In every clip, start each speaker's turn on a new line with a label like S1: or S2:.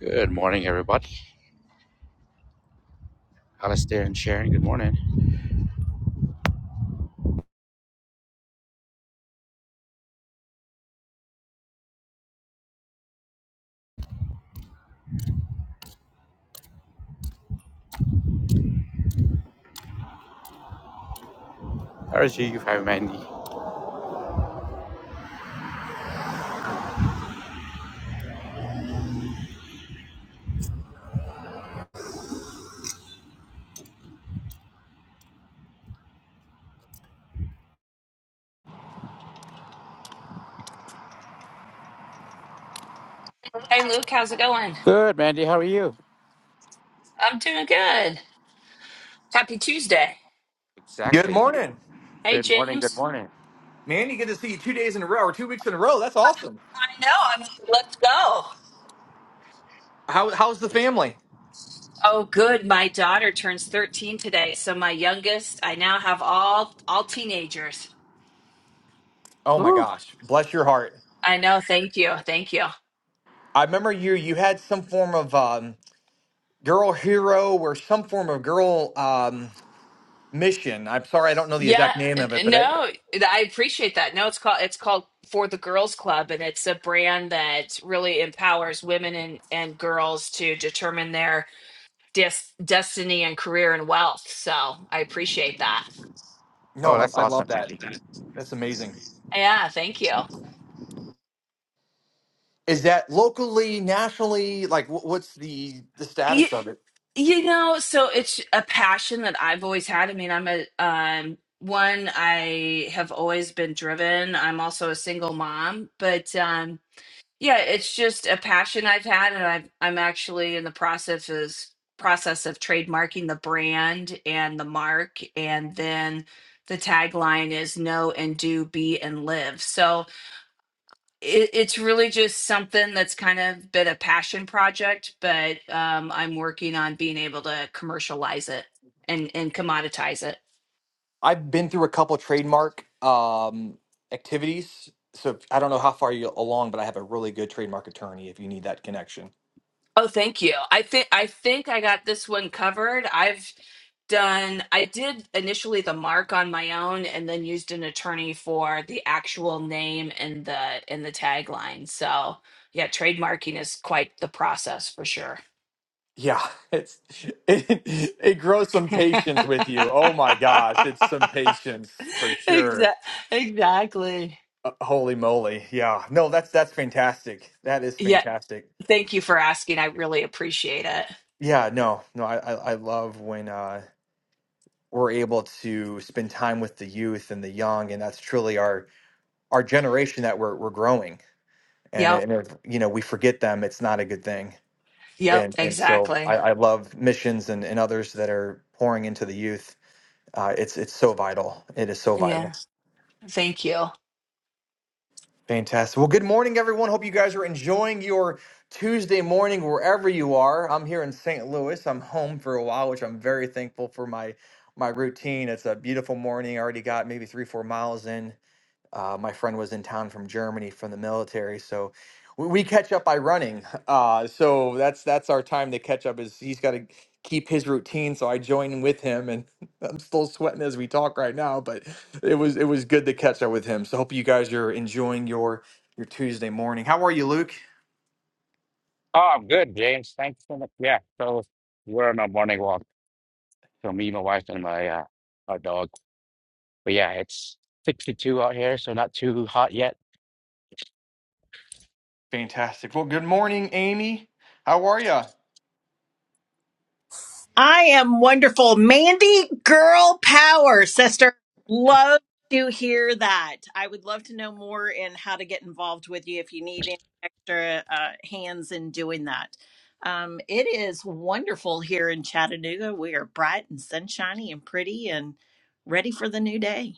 S1: Good morning, everybody. Alistair and Sharon, good morning. How is you? Hi, Mandy.
S2: Hey Luke, how's it going?
S1: Good, Mandy. How are you?
S2: I'm doing good. Happy Tuesday.
S3: Good
S1: Exactly.
S3: morning,
S2: Hey
S1: Good morning. Good
S2: James.
S1: morning.
S3: man. You get to see you two days in a row or two weeks in a row. That's awesome.
S2: I know. I'm like, let's go.
S3: How how's the family?
S2: Oh good. My daughter turns 13 today. So my youngest, I now have all all teenagers.
S3: Oh my
S1: Woo.
S3: gosh, bless your heart.
S2: I know. Thank you. Thank you.
S3: I remember you. You had some form of um, girl hero or some form of girl um, mission. I'm sorry, I don't know the
S2: Yeah,
S3: exact name
S2: n-
S3: of it,
S2: n-
S3: but I,
S2: no, I appreciate that. No, it's called it's called For the Girls Club and it's a brand that really empowers women and and girls to determine their des- destiny and career and wealth. So, I appreciate that.
S3: no,
S1: Oh,
S3: I,
S1: that's
S3: I
S1: awesome,
S3: love that.
S1: Mandy.
S3: That's amazing.
S2: Yeah, thank you.
S3: Is that locally, nationally? Like, wh- what's the the
S2: You,
S3: status of it?
S2: you know, so it's a passion that I've always had. I mean, I'm a um one I have always been driven. I'm also a single mom, but um yeah, it's just a passion I've had and I've I'm actually in the process is process of trademarking the brand and the mark and then the tagline is know and do, be and live. So it, it's really just something that's kind of been a passion project, but um, I'm working on being able to commercialize it and and commoditize it.
S3: I've been through a couple trademark um, activities. So if- I don't know how far you along, but I have a really good trademark attorney if you need that connection.
S2: Oh, thank you. I think I think I got this one covered. I've done. I did initially the mark on my own, and then used an attorney for the actual name and the and the tagline. So yeah, trademarking is quite the process for sure.
S3: Yeah, it's it, it grows some patience with you. Oh my gosh, it's some patience for sure.
S2: Exa- exactly.
S3: Uh, holy moly. Yeah. No, that's that's fantastic. That is
S2: Yeah.
S3: fantastic.
S2: Thank you for asking. I really appreciate it.
S3: Yeah, no. No, I I, I love when uh we're able to spend time with the youth and the young and that's truly our our generation that we're we're growing. and
S2: Yep.
S3: and if you know we forget them it's not a good thing
S2: Yep.
S3: and and so i,
S2: Exactly.
S3: I love missions and, and others that are pouring into the youth uh, it's it's so vital it is so vital
S2: Yeah. Thank you.
S3: fantastic well good morning everyone hope you guys are enjoying your tuesday morning wherever you are i'm here in st louis i'm home for a while which i'm very thankful for my my routine it's a beautiful morning i already got maybe three four miles in Uh, my friend was in town from Germany from the military, so we, we catch up by running. Uh, so that's that's our time to catch up. Is he's got to keep his routine, so I join with him, and I'm still sweating as we talk right now. But it was it was good to catch up with him. So hope you guys are enjoying your your Tuesday morning. How are you, Luke?
S1: Oh, I'm good, James. Thanks so much. Yeah, so we're on a morning walk. So me, my wife, and my uh, our dog. But yeah, it's 62 out here, so not too hot yet.
S3: Fantastic. Well, good morning, Amy. How are you?
S4: I am wonderful. Mandy, girl power, sister. Love to hear that. I would love to know more and how to get involved with you if you need any extra uh, hands in doing that. Um, it is wonderful here in Chattanooga. We are bright and sunshiny and pretty and ready for the new day.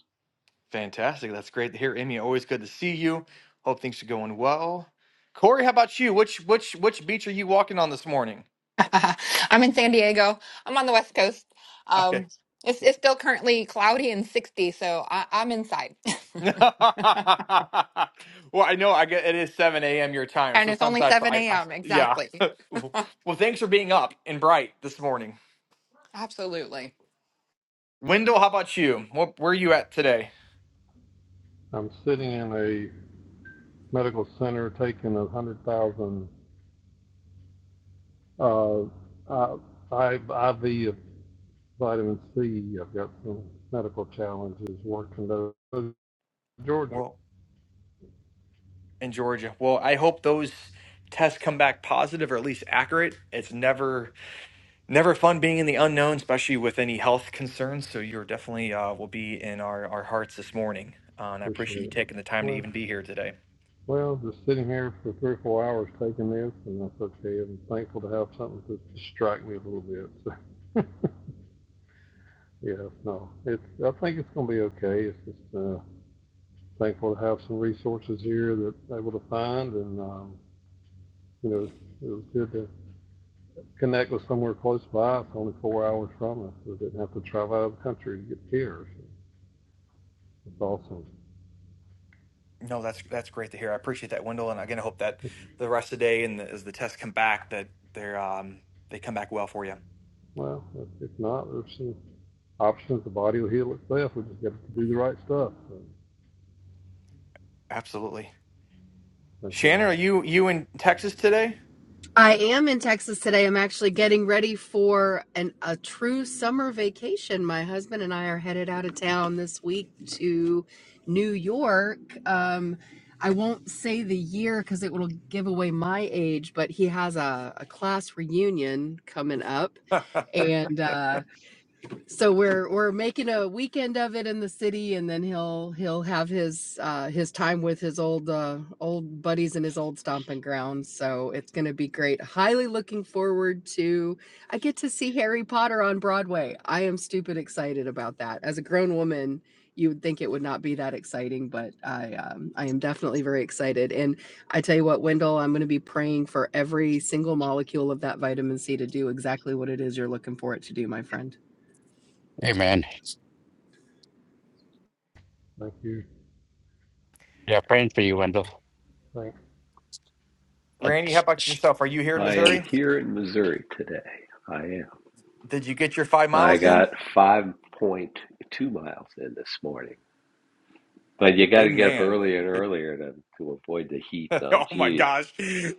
S3: Fantastic. That's great to hear, Emmy. Always good to see you. Hope things are going well. Corey, how about you? Which which which beach are you walking on this morning?
S5: I'm in San Diego. I'm on the West Coast.
S3: Okay.
S5: Um, it's, it's still currently cloudy and 60, so I, I'm inside.
S3: well, I know I get it is seven a.m. your time,
S5: and
S3: so
S5: it's
S3: sometimes
S5: only
S3: I,
S5: 7
S3: I, I
S5: a.m.
S3: yeah.
S5: Exactly.
S3: Well, thanks for being up and bright this morning.
S5: Absolutely.
S3: Wendell, how about you? What, where are you at today?
S6: I'm sitting in a medical center taking a hundred thousand uh, uh, IV of vitamin C. I've got some medical challenges working those. Georgia,
S3: Well, in Georgia. Well, I hope those tests come back positive or at least accurate. It's never never fun being in the unknown, especially with any health concerns. So you're definitely uh, will be in our, our hearts this morning. Uh, and I
S6: appreciate
S3: appreciate you
S6: it.
S3: taking the time to
S6: Well,
S3: even be here today.
S6: well, just sitting here for three or four hours taking this, and that's okay. I'm thankful to have something to distract me a little bit. So, yeah, no, it's. I think it's going to be okay. It's just uh, thankful to have some resources here that I'm able to find, and um, you know, it was good to connect with somewhere close by. It's only four hours from us. We didn't have to travel out of the country to get care. So it's awesome.
S3: No, that's that's great to hear. I appreciate that, Wendell. And again, I hope that the rest of the day and as the tests come back, that they're um, they come back well for you.
S6: Well, if- if not, there's some options. The body will heal itself. We just got to do the right stuff. So
S3: Absolutely.
S6: thank
S3: Shannon,
S6: y'all.
S3: are you you in Texas today?
S7: I am in Texas today. I'm actually getting ready for an a true summer vacation. My husband and I are headed out of town this week to New York. Um, I won't say the year because it will give away my age, but he has a, a class reunion coming up, and uh, so we're we're making a weekend of it in the city and then he'll he'll have his uh his time with his old uh old buddies and his old stomping grounds so it's going to be great highly looking forward to i get to see harry potter on broadway i am stupid excited about that as a grown woman you would think it would not be that exciting but i um, i am definitely very excited and i tell you what wendell i'm going to be praying for every single molecule of that vitamin c to do exactly what it is you're looking for it to do my friend
S1: Hey, man.
S6: Thank you.
S1: Yeah, praying for you, Wendell.
S6: Thanks.
S1: And-
S3: Randy, how about yourself? Are you here in
S8: I am
S3: Missouri?
S8: here in Missouri today. I am.
S3: Did you get your five
S8: I
S3: miles in?
S8: got 5.2 miles in this morning. But you got
S3: Good
S8: to get up
S3: man.
S8: earlier and
S3: Good.
S8: earlier to, to avoid the heat. Now,
S3: oh my
S8: geez,
S3: gosh,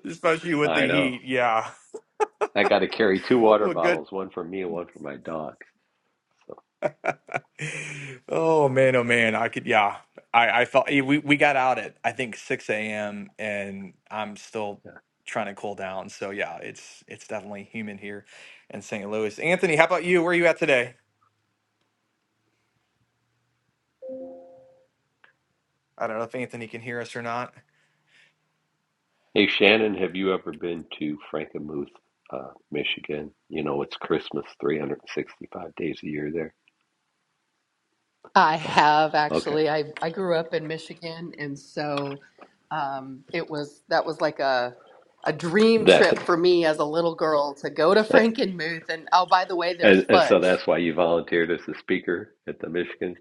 S3: especially with
S8: I
S3: the
S8: know.
S3: heat. Yeah.
S8: I got to carry two water
S3: Well, good.
S8: bottles, one for me and one for my dogs. So,
S3: oh man, oh man. I could. Yeah. I I felt eh, we we got out at I think six a.m. and I'm still
S8: yeah.
S3: trying to cool down. So yeah, it's it's definitely humid here in St. Louis. Anthony, how about you? Where are you at today? I don't know if Anthony can hear us or not.
S8: Hey, Shannon, have you ever been to Frankenmuth, uh, Michigan? You know, it's Christmas 365 days a year there.
S7: I have
S8: Okay.
S7: actually. I, I grew up in Michigan, and so um, it was that was like a a dream trip for me as a little girl to go to
S8: That,
S7: Frankenmuth. And oh, by the way, there's
S8: and, and so
S7: fudge.
S8: that's why you volunteered as a speaker at the Michigan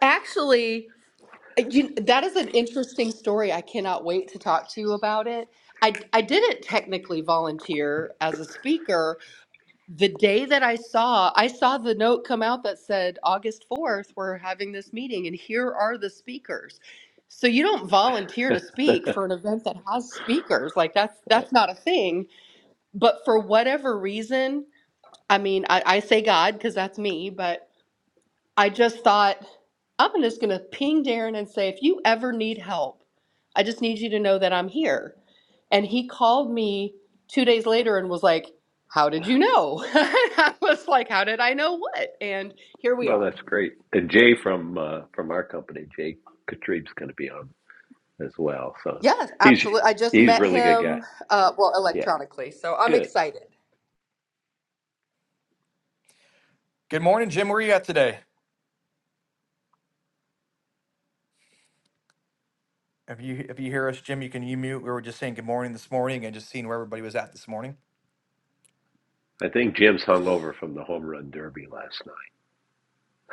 S7: Actually, you, that is an interesting story. I cannot wait to talk to you about it. I I didn't technically volunteer as a speaker the day that I saw, I saw the note come out that said August 4th, we're having this meeting and here are the speakers. So you don't volunteer to speak for an event that has speakers. Like that's that's not a thing. But for whatever reason, I mean, I, I say God because that's me, but I just thought, I'm just going to ping Darren and say, if you ever need help, I just need you to know that I'm here. And he called me two days later and was like, How did you know? I was like, How did I know what? And here we
S8: Well,
S7: are.
S8: that's great. And Jay from uh, from our company, Jay Katrib's going to be on as well. So
S7: Yes,
S8: he's
S7: absolutely. I just
S8: he's a
S7: met
S8: really good guy.
S7: him, uh, well,
S8: Yeah,
S7: electronically. So I'm
S8: good.
S7: excited.
S3: Good morning, Jim. Where are you at today? If you if you hear us, Jim, you can you mute. We were just saying good morning this morning and just seeing where everybody was at this morning.
S8: I think Jim's hung over from the home run derby last night.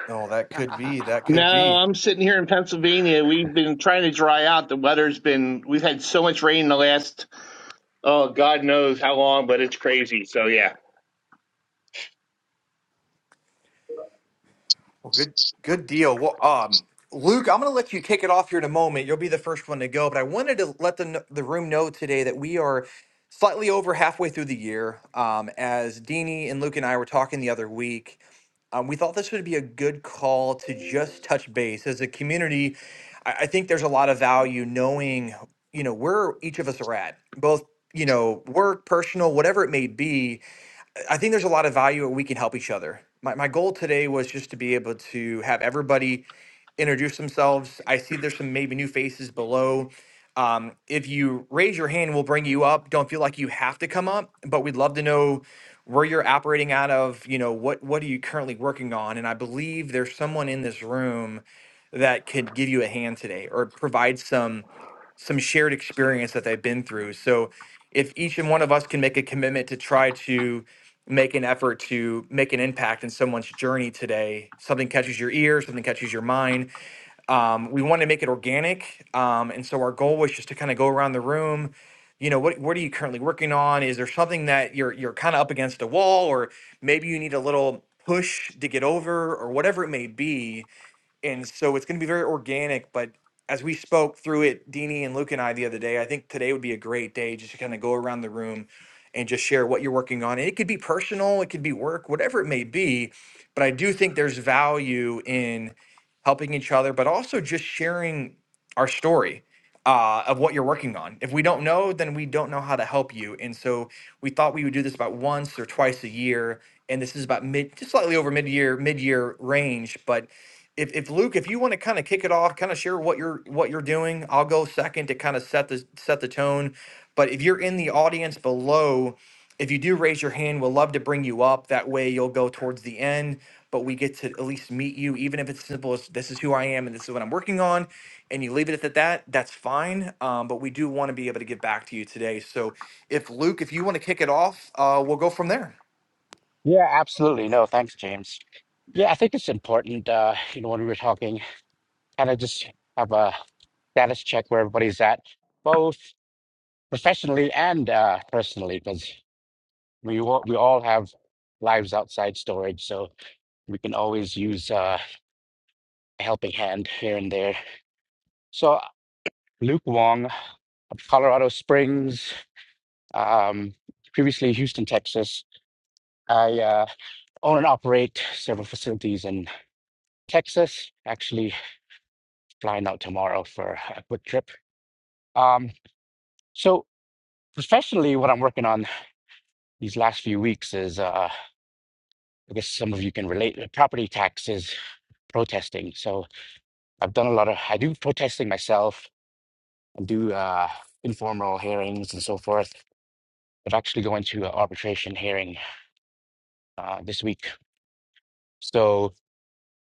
S3: Oh, that could be. That
S9: No,
S3: could be.
S9: I'm sitting here in Pennsylvania. We've been trying to dry out. The weather's been, we've had so much rain in the last, oh, God knows how long, but it's crazy. So, yeah.
S3: Well, good, good deal. Well, um, Luke, I'm going to let you kick it off here in a moment. You'll be the first one to go, but I wanted to let the kn- the room know today that we are slightly over halfway through the year. Um, as Deanie and Luke and I were talking the other week, um, we thought this would be a good call to just touch base as a community. I, I think there's a lot of value knowing, you know, where each of us are at, both you know, work, personal, whatever it may be I think there's a lot of value and we can help each other. My, my goal today was just to be able to have everybody introduce themselves. I see there's some maybe new faces below. Um, if you raise your hand, we'll bring you up. Don't feel like you have to come up, but we'd love to know where you're operating out of. You know, what what are you currently working on? And I believe there's someone in this room that could give you a hand today or provide some some shared experience that they've been through. So if each and one of us can make a commitment to try to make an effort to make an impact in someone's journey today, something catches your ear, something catches your mind, um, we want to make it organic, um, and so our goal was just to kind of go around the room. You know, what what are you currently working on? Is there something that you're you're kind of up against a wall, or maybe you need a little push to get over, or whatever it may be? and so it's going to be very organic but as we spoke through it Dini and luke and i the other day i think today would be a great day just to kind of go around the room and just share what you're working on and it could be personal it could be work whatever it may be but i do think there's value in helping each other but also just sharing our story uh, of what you're working on if we don't know then we don't know how to help you and so we thought we would do this about once or twice a year and this is about mid just slightly over mid-year mid-year range but if if Luke, if you want to kind of kick it off, kind of share what you're what you're doing, I'll go second to kind of set the set the tone. But if you're in the audience below, if you do raise your hand, we'll love to bring you up. That way you'll go towards the end, but we get to at least meet you, even if it's simple as this is who I am and this is what I'm working on, and you leave it at that, that's fine. Um, but we do want to be able to get back to you today. So if Luke, if you want to kick it off, uh, we'll go from there.
S1: Yeah, absolutely. No, thanks, James. Yeah, I think it's important. Uh, you know, when we were talking. kind of just have a status check where everybody's at, both professionally and uh, personally, because we all, we all have lives outside storage, so we can always use uh, a helping hand here and there. So Luke Wong of Colorado Springs, um, previously Houston, Texas. I uh, own and operate several facilities in Texas. Actually, flying out tomorrow for a quick trip. Um, so professionally, what I'm working on these last few weeks is uh I guess some of you can relate uh, property taxes protesting. So I've done a lot of I do protesting myself and do uh informal hearings and so forth. I've actually going to an arbitration hearing uh this week. So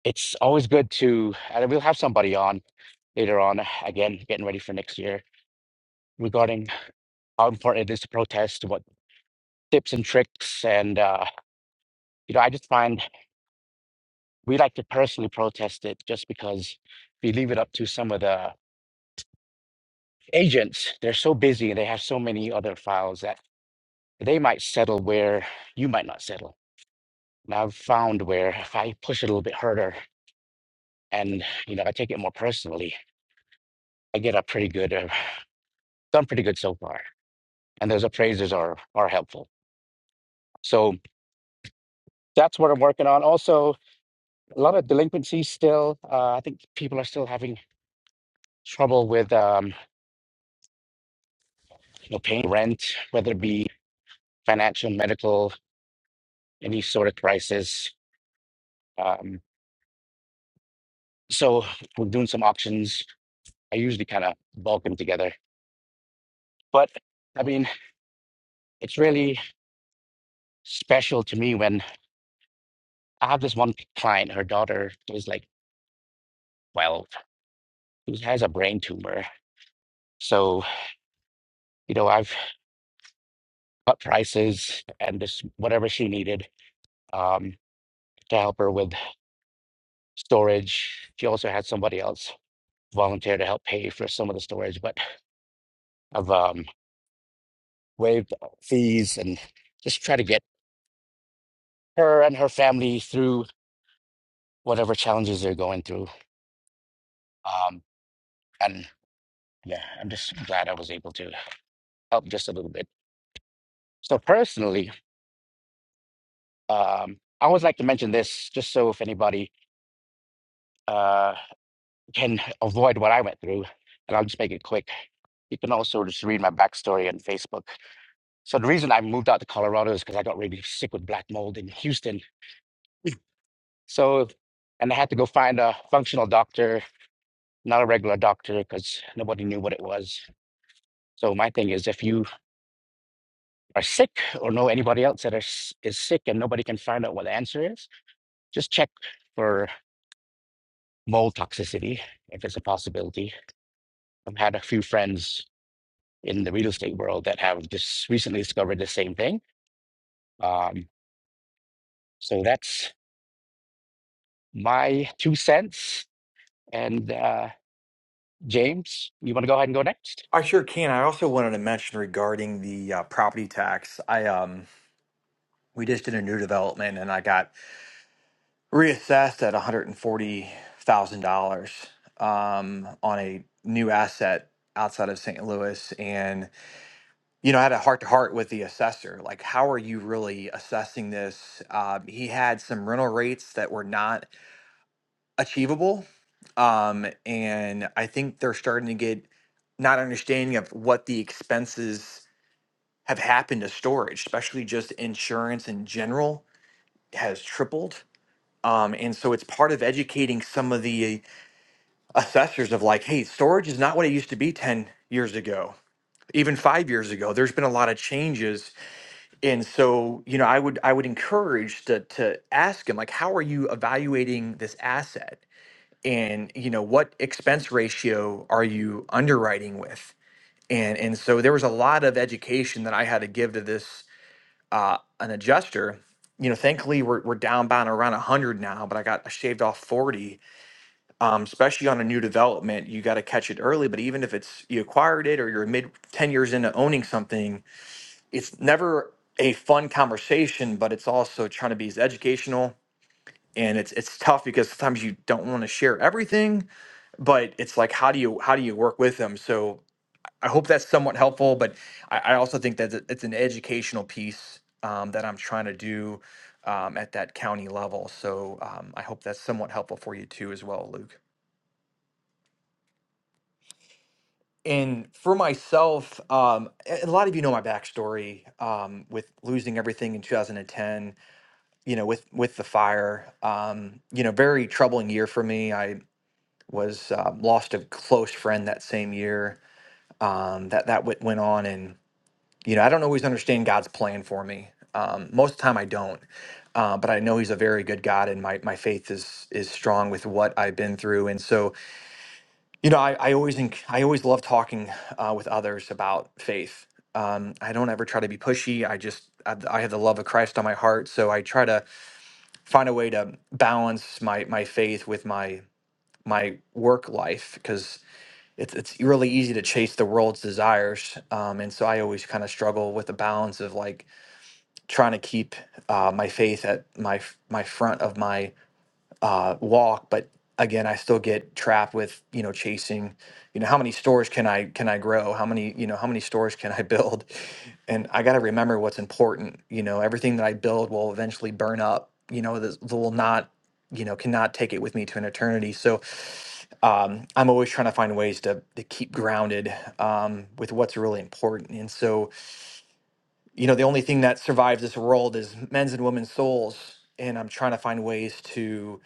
S1: it's always good to and we'll have somebody on later on again getting ready for next year regarding how important it is to protest, what tips and tricks and uh you know I just find we like to personally protest it just because if you leave it up to some of the agents, they're so busy and they have so many other files that they might settle where you might not settle. And I've found where if I push it a little bit harder and you know I take it more personally, I get a pretty good, uh, done pretty good so far. And those appraisers are are helpful. So that's what I'm working on. Also, a lot of delinquency still. Uh, I think people are still having trouble with um, you know paying rent, whether it be financial, medical, any sort of crisis. Um, so we're doing some auctions I usually kind of bulk them together. But I mean, it's really special to me when I have this one client, her daughter is like 12, who has a brain tumor. So, you know, I've got prices and this whatever she needed um, to help her with storage. She also had somebody else volunteer to help pay for some of the storage, but I've um, waived fees and just try to get her and her family through whatever challenges they're going through. Um, and yeah, I'm just glad I was able to help just a little bit. So personally, um, I always like to mention this just so if anybody uh, can avoid what I went through, and I'll just make it quick. You can also just read my backstory on Facebook. So the reason I moved out to Colorado is because I got really sick with black mold in Houston. So, and I had to go find a functional doctor, not a regular doctor, because nobody knew what it was. So my thing is, if you are sick or know anybody else that is is sick and nobody can find out what the answer is, just check for mold toxicity if it's a possibility. I've had a few friends in the real estate world that have just recently discovered the same thing. Um, so that's my two cents. And uh, James, you want to go ahead and go next?
S3: I sure can. I also wanted to mention regarding the uh, property tax. I um we just did a new development and I got reassessed at $140,000 um, on a new asset outside of St. Louis. And, you know, I had a heart to heart with the assessor. Like, how are you really assessing this? Uh, he had some rental rates that were not achievable. Um, and I think they're starting to get not understanding of what the expenses have happened to storage, especially just insurance in general has tripled Um, and so it's part of educating some of the assessors of like, hey, storage is not what it used to be 10 years ago, even five years ago. There's been a lot of changes. And so, you know, I would I would encourage to to ask them, like, how are you evaluating this asset? And, you know, what expense ratio are you underwriting with? And and so there was a lot of education that I had to give to this uh, an adjuster. You know, thankfully we're, we're down by around 100 now, but I got I shaved off 40 um, especially on a new development, you got to catch it early. But even if it's you acquired it or you're mid 10 years into owning something, it's never a fun conversation, but it's also trying to be as educational. And it's it's tough because sometimes you don't want to share everything, but it's like how do you how do you work with them? So I hope that's somewhat helpful, but I, I also think that it- it's an educational piece um, that I'm trying to do um, at that county level. So um, I hope that's somewhat helpful for you too as well, Luke. And for myself, um, a a lot of you know my backstory um, with losing everything in 2010. You know, with with the fire. Um, you know, very troubling year for me. I was um, lost a close friend that same year. Um, that that went went on, and you know, I don't always understand God's plan for me. Um, most of the time, I don't. Uh, but I know He's a very good God, and my my faith is is strong with what I've been through. And so, you know, I, I always think I always love talking uh, with others about faith. Um, I don't ever try to be pushy. I just I, I have the love of Christ on my heart, so I try to find a way to balance my my faith with my my work life because it's it's really easy to chase the world's desires, um, and so I always kind of struggle with the balance of like trying to keep uh, my faith at my f- my front of my uh, walk, but again, I still get trapped with you know chasing, you know, how many stores can I can I grow? How many you know how many stores can I build? And I got to remember what's important. You know, everything that I build will eventually burn up. You know, this will not you know cannot take it with me to an eternity. So. Um, I'm always trying to find ways to, to keep grounded um, with what's really important. And so, you know the only thing that survives this world is men's and women's souls and i'm trying to find ways to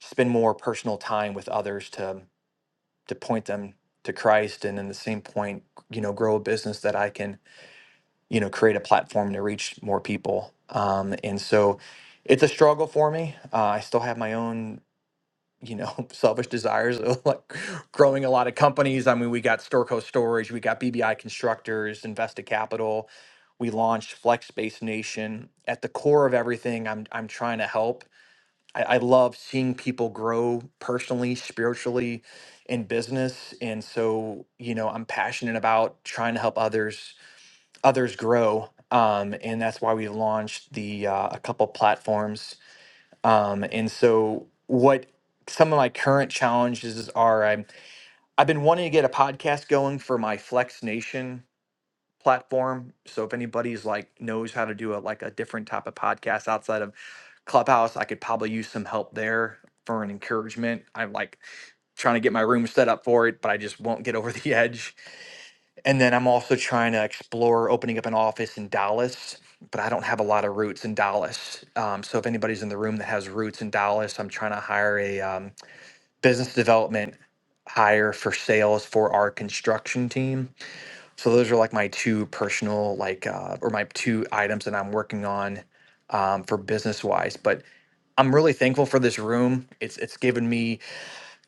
S3: spend more personal time with others to to point them to christ and in the same point you know grow a business that i can you know create a platform to reach more people um, and so it's a struggle for me uh, i still have my own you know, selfish desires of like growing a lot of companies. I mean, we got Storco Storage, we got BBI Constructors, Invested Capital. We launched Flex Space Nation. At the core of everything, I'm I'm trying to help. I, I love seeing people grow personally, spiritually, in business, and so you know, I'm passionate about trying to help others others grow. Um, and that's why we launched the uh, a couple platforms um, and so, what some of my current challenges are I'm, I've been wanting to get a podcast going for my Flex Nation platform. So, if anybody's like knows how to do a, like a different type of podcast outside of Clubhouse, I could probably use some help there for an encouragement. I'm like trying to get my room set up for it, but I just won't get over the edge. And then I'm also trying to explore opening up an office in Dallas, but I don't have a lot of roots in Dallas. Um, so if anybody's in the room that has roots in Dallas, I'm trying to hire a um, business development hire for sales for our construction team. So those are like my two personal, like, uh, or my two items that I'm working on um, for business wise. But I'm really thankful for this room. It's it's given me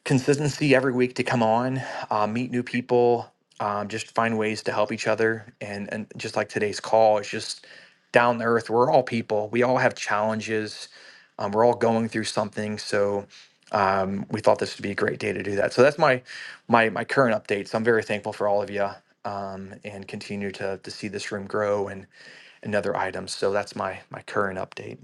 S3: consistency every week to come on, uh, meet new people, um, just find ways to help each other. And, and just like today's call, it's just down to earth. We're all people, we all have challenges, um, we're all going through something. So um, we thought this would be a great day to do that. So that's my my my current update. So I'm very thankful for all of you um, and continue to, to see this room grow and, and other items. So that's my my current update.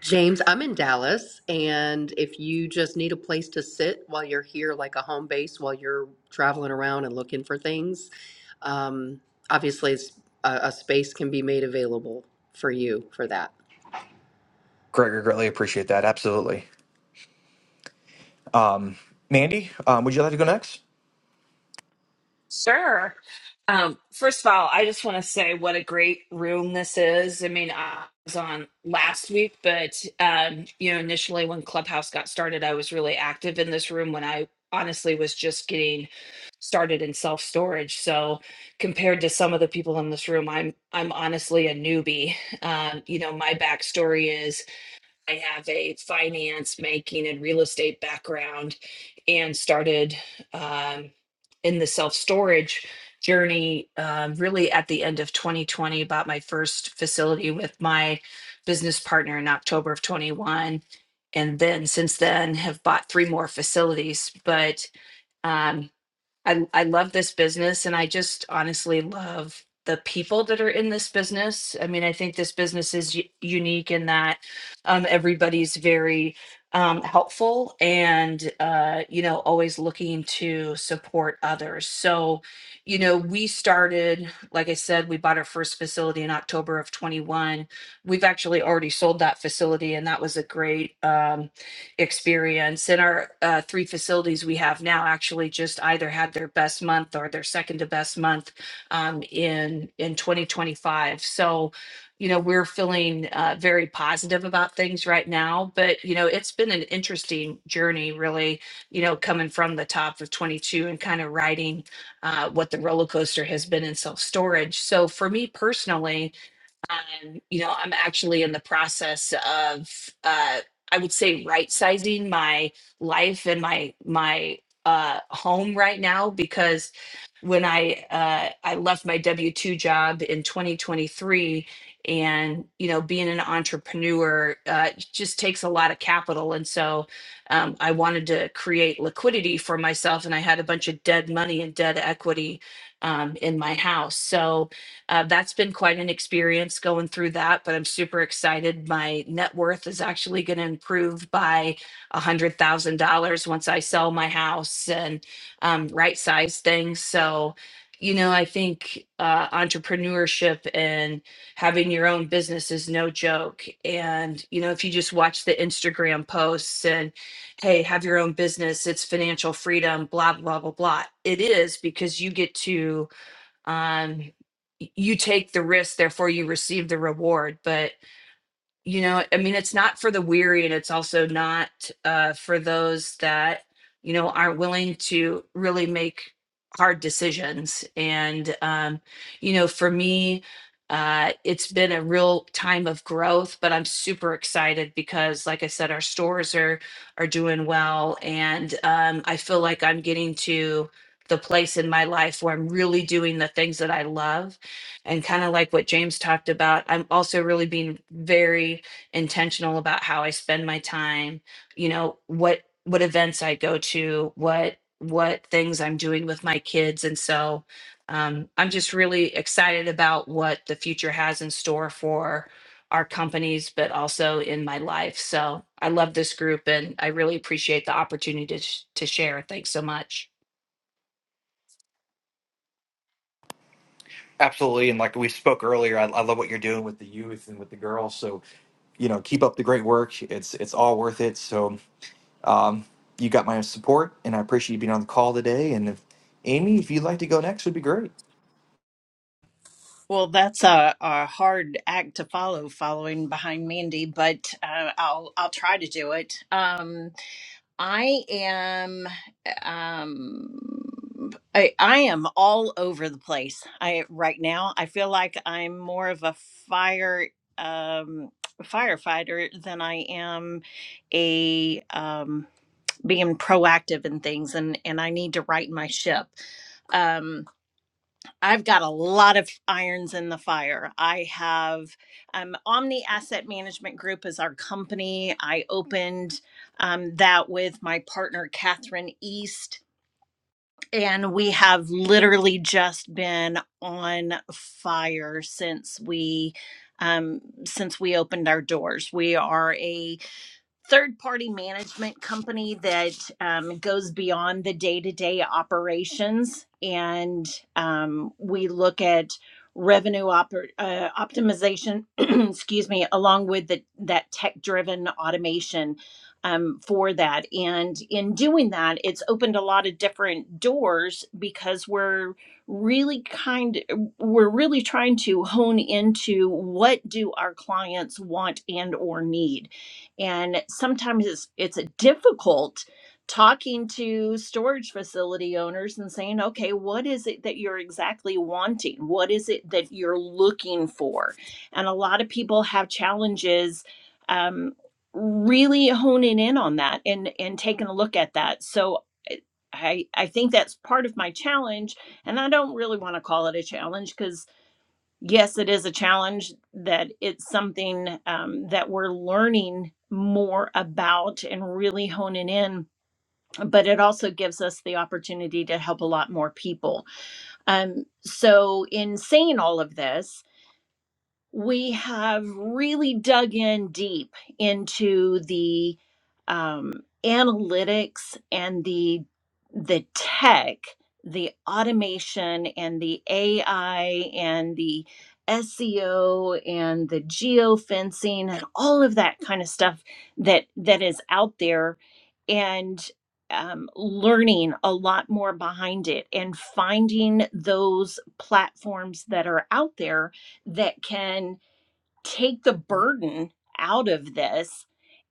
S7: James, I'm in Dallas, and if you just need a place to sit while you're here, like a home base while you're traveling around and looking for things, um, obviously it's, a, a space can be made available for you for that.
S3: Gregor, greatly appreciate that. Absolutely. Um, Mandy, um, would you like to go next?
S2: Sure. Um, first of all, I just want to say what a great room this is. I mean, I was on last week, but um, you know, initially when Clubhouse got started, I was really active in this room when I honestly was just getting started in self storage. So compared to some of the people in this room, I'm I'm honestly a newbie. Um, you know, my backstory is I have a finance, banking, and real estate background and started um, in the self storage journey um, really at the end of 2020. Bought my first facility with my business partner in October of 21. And then since then have bought three more facilities. But um, I I love this business and I just honestly love the people that are in this business. I mean, I think this business is u- unique in that um, everybody's very um, helpful and uh, you know always looking to support others. So, you know, we started, like I said, we bought our first facility in October of 21. We've actually already sold that facility, and that was a great. Um, experience. And our uh, three facilities we have now actually just either had their best month or their second to best month um, in in 2025. So, you know, we're feeling uh, very positive about things right now. But you know, it's been an interesting journey, really. You know, coming from the top of 22 and kind of riding uh, what the roller coaster has been in self storage. So for me personally, and, you know, I'm actually in the process of, uh, I would say, right sizing my life and my my uh, home right now because when I uh, I left my W two job in 2023, and you know, being an entrepreneur uh, just takes a lot of capital, and so um, I wanted to create liquidity for myself, and I had a bunch of dead money and dead equity um, in my house, so uh, that's been quite an experience going through that, but I'm super excited. My net worth is actually going to improve by $100,000 once I sell my house and um, right size things. So, you know, I think uh, entrepreneurship and having your own business is no joke. And, you know, if you just watch the Instagram posts and, hey, have your own business, it's financial freedom, blah, blah, blah, blah. It is because you get to um, y- you take the risk, therefore you receive the reward. But you know i mean it's not for the weary and it's also not uh, for those that you know aren't willing to really make hard decisions and um, you know for me uh, it's been a real time of growth but i'm super excited because like i said our stores are are doing well and um, i feel like i'm getting to the place in my life where i'm really doing the things that i love and kind of like what James talked about, I'm also really being very intentional about how I spend my time, you know, what what events I go to, what what things I'm doing with my kids. And so um, I'm just really excited about what the future has in store for our companies, but also in my life. So I love this group and I really appreciate the opportunity to, sh- to share. Thanks so much.
S3: Absolutely, and like we spoke earlier, I, I love what you're doing with the youth and with the girls. So, you know, keep up the great work. It's it's all worth it. So, um, you got my support, and I appreciate you being on the call today. And if Amy, if you'd like to go next, would be great.
S4: Well, that's a, a hard act to follow, following behind Mandy, but uh, I'll I'll try to do it. Um, I am um I, I am all over the place. I right now I feel like I'm more of a fire um firefighter than I am a um being proactive in things and and I need to right my ship. Um I've got a lot of irons in the fire. I have um, Omni Asset Management Group is our company. I opened um, that with my partner Catherine East, and we have literally just been on fire since we um, since we opened our doors. We are a third party management company that um, goes beyond the day to day operations. And um, we look at revenue op- uh, optimization, excuse me, along with the, that tech driven automation um, for that. And in doing that, it's opened a lot of different doors because we're really kind we're really trying to hone into what do our clients want and or need and sometimes it's it's difficult talking to storage facility owners and saying okay what is it that you're exactly wanting what is it that you're looking for and a lot of people have challenges um, really honing in on that and and taking a look at that so eh, i i think that's part of my challenge and i don't really want to call it a challenge because yes, it is a challenge that it's something um, that we're learning more about and really honing in. But it also gives us the opportunity to help a lot more people. Um, so, in saying all of this, we have really dug in deep into the um, analytics and the the tech, the automation and the AI and the SEO and the geofencing and all of that kind of stuff that that is out there and um, learning a lot more behind it and finding those platforms that are out there that can take the burden out of this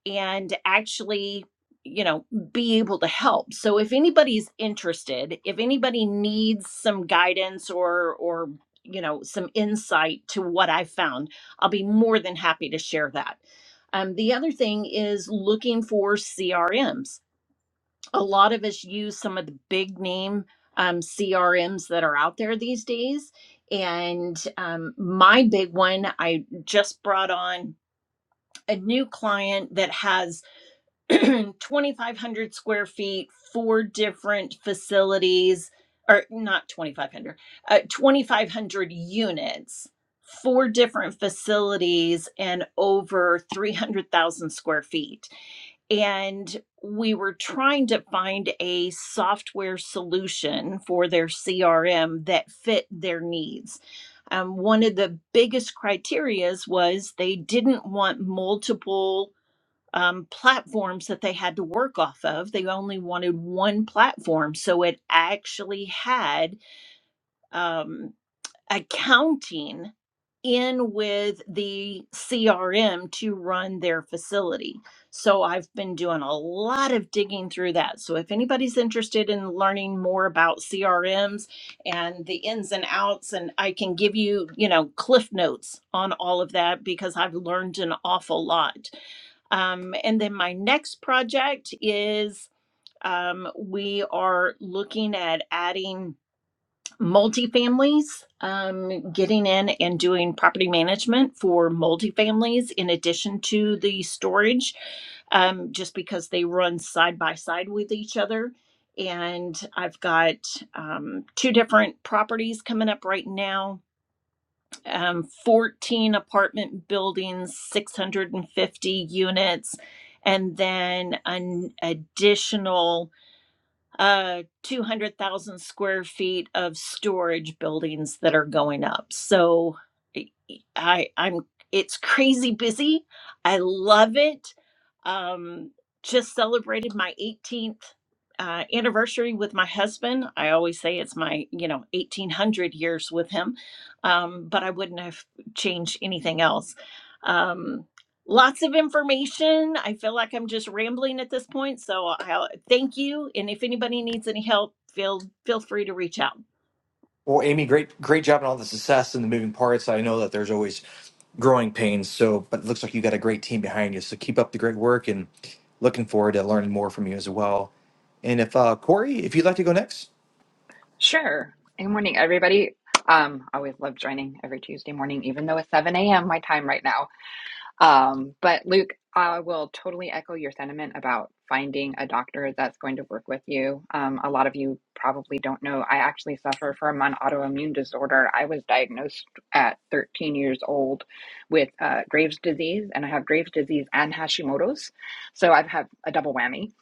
S4: and actually you know be able to help so if anybody's interested if anybody needs some guidance or or you know some insight to what i found i'll be more than happy to share that um, the other thing is looking for crms a lot of us use some of the big name um, CRMs that are out there these days. And um, my big one, I just brought on a new client that has 2,500 square feet, four different facilities, or not 2,500, uh, 2,500 units, four different facilities, and over 300,000 square feet. And we were trying to find a software solution for their CRM that fit their needs. Um, one of the biggest criterias was they didn't want multiple um, platforms that they had to work off of. They only wanted one platform. So it actually had, um, accounting in with the CRM to run their facility. So I've been doing a lot of digging through that. So if anybody's interested in learning more about CRMs and the ins and outs and I can give you, you know, cliff notes on all of that because I've learned an awful lot. Um, and then my next project is um, we are looking at adding multifamilies, um, getting in and doing property management for multifamilies in addition to the storage, um, just because they run side by side with each other. And I've got um, two different properties coming up right now um, 14 apartment buildings, 650 units, and then an additional uh 200,000 square feet of storage buildings that are going up. So I I'm it's crazy busy. I love it. Um just celebrated my 18th uh, anniversary with my husband. I always say it's my, you know, 1800 years with him. Um but I wouldn't have changed anything else. Um Lots of information. I feel like I'm just rambling at this point, so i thank you. And if anybody needs any help, feel feel free to reach out.
S3: Well, Amy, great great job on all the success and the moving parts. I know that there's always growing pains. So, but it looks like you got a great team behind you. So keep up the great work, and looking forward to learning more from you as well. And if uh, Corey, if you'd like to go next.
S5: Sure. Good morning, everybody. Um, always love joining every Tuesday morning, even though it's 7 a.m. my time right now. Um, but Luke, I will totally echo your sentiment about finding a doctor that's going to work with you. Um, a lot of you probably don't know. I actually suffer from an autoimmune disorder. I was diagnosed at 13 years old with uh, Graves' disease, and I have Graves' disease and Hashimoto's. So I've had a double whammy.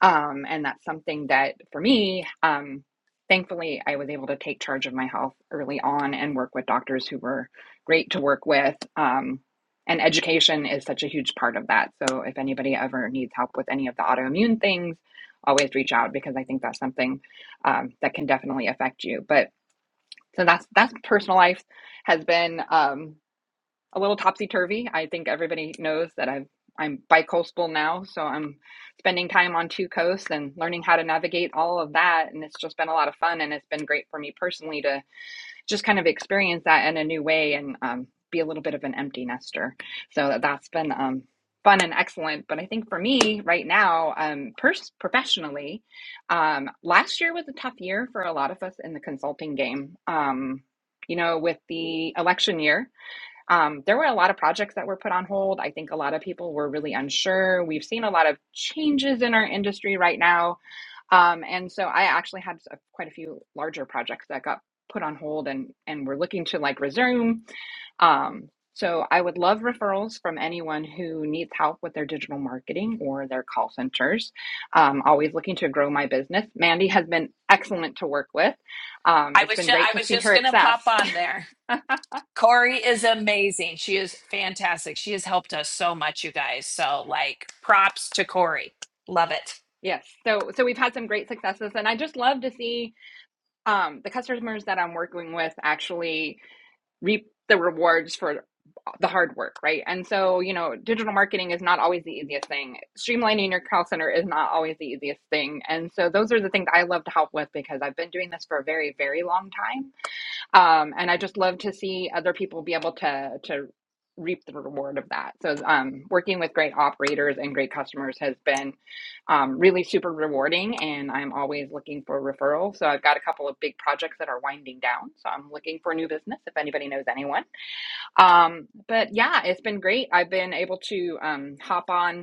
S5: Um, and that's something that for me, um, thankfully, I was able to take charge of my health early on and work with doctors who were great to work with. Um, and education is such a huge part of that. So if anybody ever needs help with any of the autoimmune things, always reach out because I think that's something um, that can definitely affect you. But so that's that's personal life has been um, a little topsy turvy. I think everybody knows that I've I'm bicoastal now, so I'm spending time on two coasts and learning how to navigate all of that. And it's just been a lot of fun, and it's been great for me personally to just kind of experience that in a new way and um, be a little bit of an empty nester. So that's been um, fun and excellent. But I think for me right now, um, pers- professionally, um, last year was a tough year for a lot of us in the consulting game. Um, you know, with the election year, um, there were a lot of projects that were put on hold. I think a lot of people were really unsure. We've seen a lot of changes in our industry right now um, and so I actually had s- quite a few larger projects that got put on hold and and we're looking to like resume. Um, so I would love referrals from anyone who needs help with their digital marketing or their call centers. Um, always looking to grow my business. Mandy has been excellent to work with. Um,
S2: I
S5: it's
S2: was
S5: been
S2: just
S5: great
S2: I
S5: to
S2: was
S5: see
S2: just
S5: her
S2: gonna pop
S5: success.
S2: on there. Corey is amazing. She is fantastic. She has helped us so much, you guys. So, like, props to Corey. Love it.
S5: yes, so so we've had some great successes, and I just love to see um, the customers that I'm working with actually reap the rewards for the hard work, right? And so, you know, digital marketing is not always the easiest thing. Streamlining your call center is not always the easiest thing. And so, those are the things I love to help with because I've been doing this for a very, very long time um, and I just love to see other people be able to to reap the reward of that. So um, working with great operators and great customers has been um, really super rewarding, and I'm always looking for referrals. So I've got a couple of big projects that are winding down, so I'm looking for new business if anybody knows anyone. Um, but yeah, it's been great. I've been able to um, hop on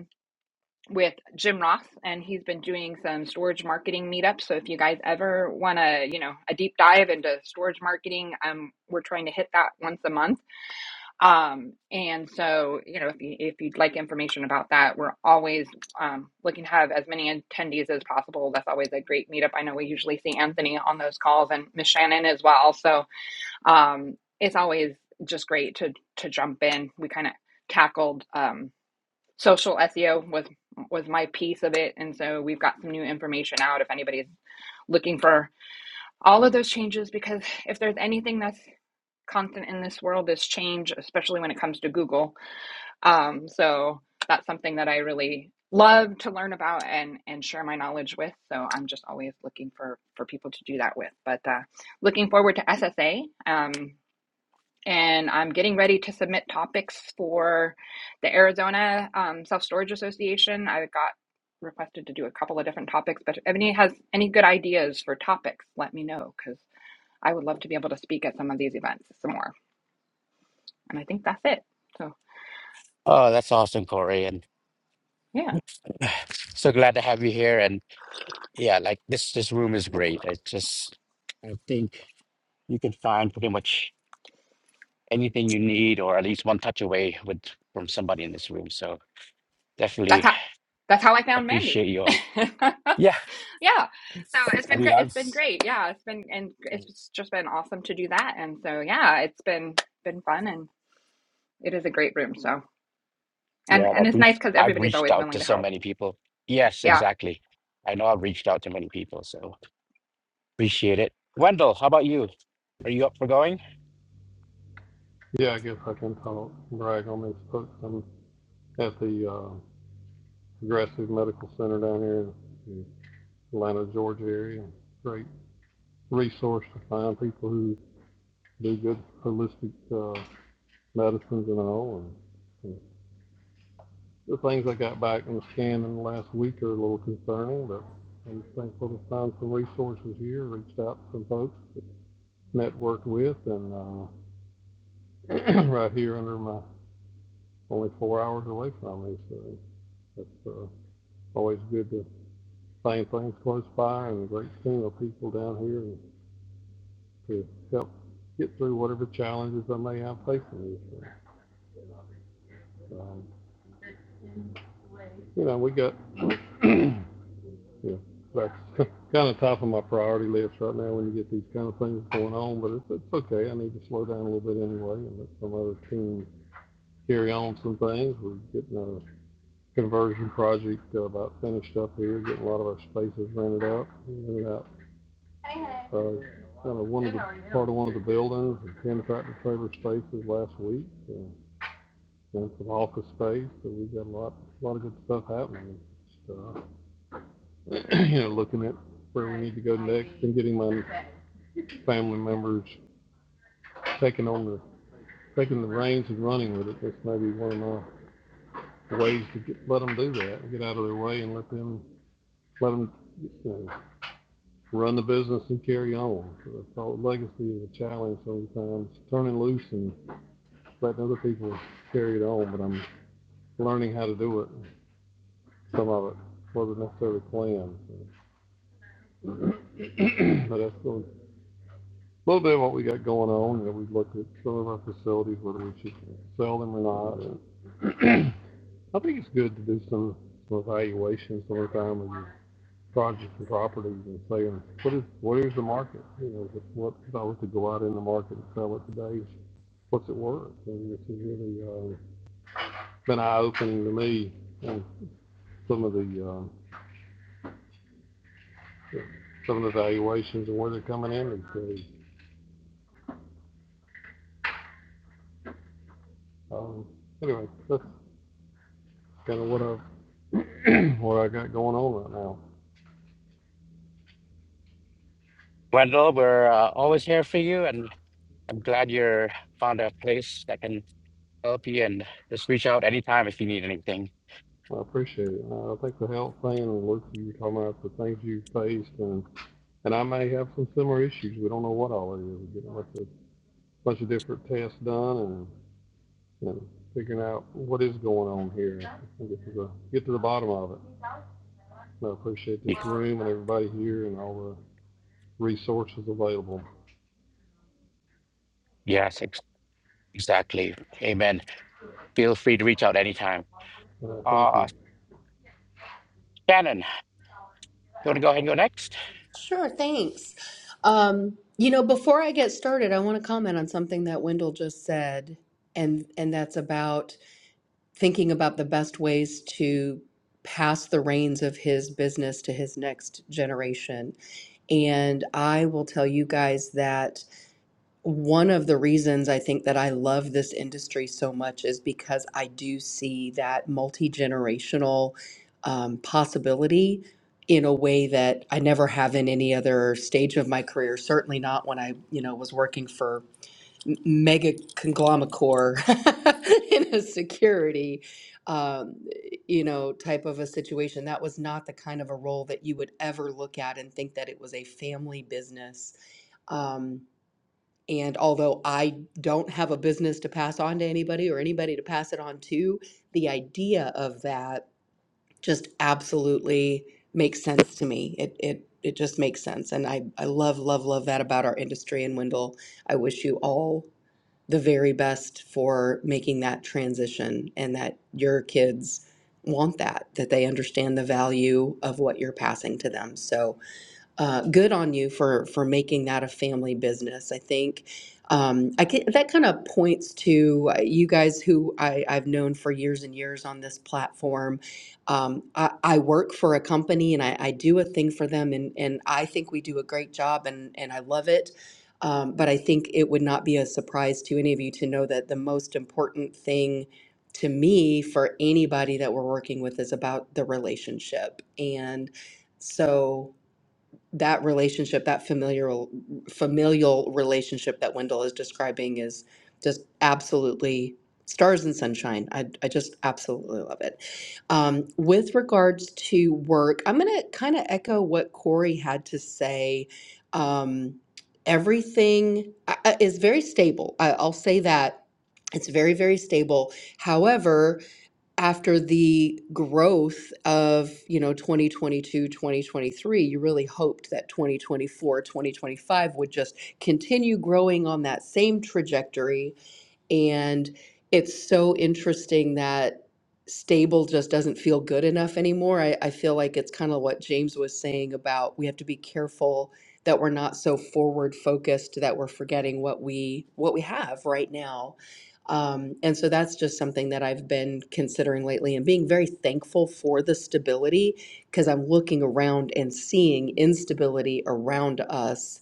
S5: with Jim Ross, and he's been doing some storage marketing meetups. So if you guys ever want to, you know, a deep dive into storage marketing, um, we're trying to hit that once a month. Um, and so you know, if you if you'd like information about that, we're always um, looking to have as many attendees as possible. That's always a great meetup. I know we usually see Anthony on those calls and Miss Shannon as well. So um, it's always just great to to jump in. We kind of tackled. Um, social SEO was was my piece of it, and so we've got some new information out if anybody's looking for all of those changes. Because if there's anything that's constant in this world, is change, especially when it comes to Google. Um, so that's something that I really love to learn about and and share my knowledge with. So I'm just always looking for for people to do that with. But uh, looking forward to SSA. Um, and I'm getting ready to submit topics for the Arizona um, Self Storage Association. I got requested to do a couple of different topics, but if any has any good ideas for topics, let me know because I would love to be able to speak at some of these events some more. And I think that's it. So
S1: Oh, that's awesome, Corey, and
S5: yeah,
S1: so glad to have you here. And yeah, like this this room is great. It just I think you can find pretty much anything you need, or at least one touch away with from somebody in this room. So definitely
S5: that's how that's how I found Mandy.
S1: appreciate you
S5: yeah,
S1: all. Yeah,
S5: so it's
S1: I
S5: been
S1: mean,
S5: great. It's
S1: I've
S5: been great. Yeah, it's been and it's just been awesome to do that. And so yeah, it's been been fun and it is a great room. So. And
S1: yeah,
S5: and
S1: I've
S5: it's nice
S1: reached
S5: because
S1: I've
S5: everybody's
S1: reached
S5: always
S1: out
S5: willing
S1: to
S5: to
S1: so
S5: help.
S1: many people. Yes,
S5: Yeah.
S1: exactly. I know I've reached out to many people, so appreciate it. Wendell, how about you? Are you up for going?
S6: Yeah, I guess I can talk, brag on these folks. I'm at the uh, Progressive Medical Center down here in the Atlanta, Georgia area. Great resource to find people who do good holistic uh, medicines and all. And, and the things I got back in the scan in the last week are a little concerning, but I'm thankful to find some resources here, reached out to some folks, networked with, and, uh, right here under my, only four hours away from me, so it's, uh, always good to find things close by and a great team of people down here and to help get through whatever challenges I may have facing this year. Um, you know, we got Yeah, that's kind of top of my priority list right now when you get these kind of things going on, but it's, it's okay. I need to slow down a little bit anyway and let some other team carry on some things. We're getting a conversion project uh, about finished up here, getting a lot of our spaces rented out, rented out uh, kind of one of the, part of one of the buildings, and ten tractor trailer spaces last week, uh, and some office space, so we got a lot, a lot of good stuff happening. Just, uh, you know, looking at where we need to go next and getting my family members taking on the, taking the reins and running with it. That's maybe one of the ways to get, let them do that, get out of their way and let them, let them you know, run the business and carry on. So I thought legacy is a challenge sometimes, turning loose and letting other people carry it on, but I'm learning how to do it. Some of it wasn't necessarily planned. so. But that's going a little bit of what we got going on. You know, we've looked at some of our facilities, whether we should sell them or not. And I think it's good to do some, some evaluations some the time of your projects and properties and saying, what is, what is the market? You know, what- what, if I was to go out in the market and sell it today, what's it worth? And this has really, uh, been eye-opening to me and some of the, uh, some of the valuations and where they're coming in. And so, um, anyway, that's, kind of what I've, what I got going on right now.
S1: Wendell, we're uh, always here for you, and I'm glad you're found a place that can help you. And just reach out anytime if you need anything.
S6: I appreciate it. Uh, I think the health thing and Luke, you were talking about the things you faced, and and I may have some similar issues. We don't know what all it is. You know, it's a bunch of different tests done and you know, figuring out what is going on here. And Get to the get to the bottom of it. And I appreciate this
S1: Y-
S6: room and everybody here and all the resources available.
S1: Yes, ex exactly. Amen. Feel free to reach out anytime.
S6: Uh, thank
S1: Uh,
S6: you.
S1: Shannon, you want to go ahead and go next?
S7: Sure, thanks. Um, you know, before I get started, I want to comment on something that Wendell just said, and and that's about thinking about the best ways to pass the reins of his business to his next generation. And I will tell you guys that one of the reasons I think that I love this industry so much is because I do see that multi-generational um, possibility in a way that I never have in any other stage of my career. Certainly not when I, you know, was working for m- mega conglomeracore in a security, um, you know, type of a situation. That was not the kind of a role that you would ever look at and think that it was a family business. Um, and although I don't have a business to pass on to anybody or anybody to pass it on to, the idea of that just absolutely makes sense to me. It it it just makes sense. And I, I love, love, love that about our industry. And Wendell, I wish you all the very best for making that transition and that your kids want that, that they understand the value of what you're passing to them. So uh, good on you for for making that a family business. I think um, I can, that kind of points to uh, you guys who I, I've known for years and years on this platform. Um, I, I work for a company and I, I do a thing for them, and and I think we do a great job, and and I love it. Um, but I think it would not be a surprise to any of you to know that the most important thing to me for anybody that we're working with is about the relationship and so that relationship, that familial familial relationship that Wendell is describing is just absolutely stars and sunshine. I, I just absolutely love it. Um, with regards to work, I'm going to kind of echo what Corey had to say. Um, everything I- I- is very stable. I, I'll say that. It's very, very stable. However, after the growth of you know 2022 2023, you really hoped that 2024 2025 would just continue growing on that same trajectory and it's so interesting that stable just doesn't feel good enough anymore. I, I feel like it's kind of what James was saying about we have to be careful that we're not so forward focused that we're forgetting what we what we have right now. Um, and so that's just something that I've been considering lately and being very thankful for the stability because I'm looking around and seeing instability around us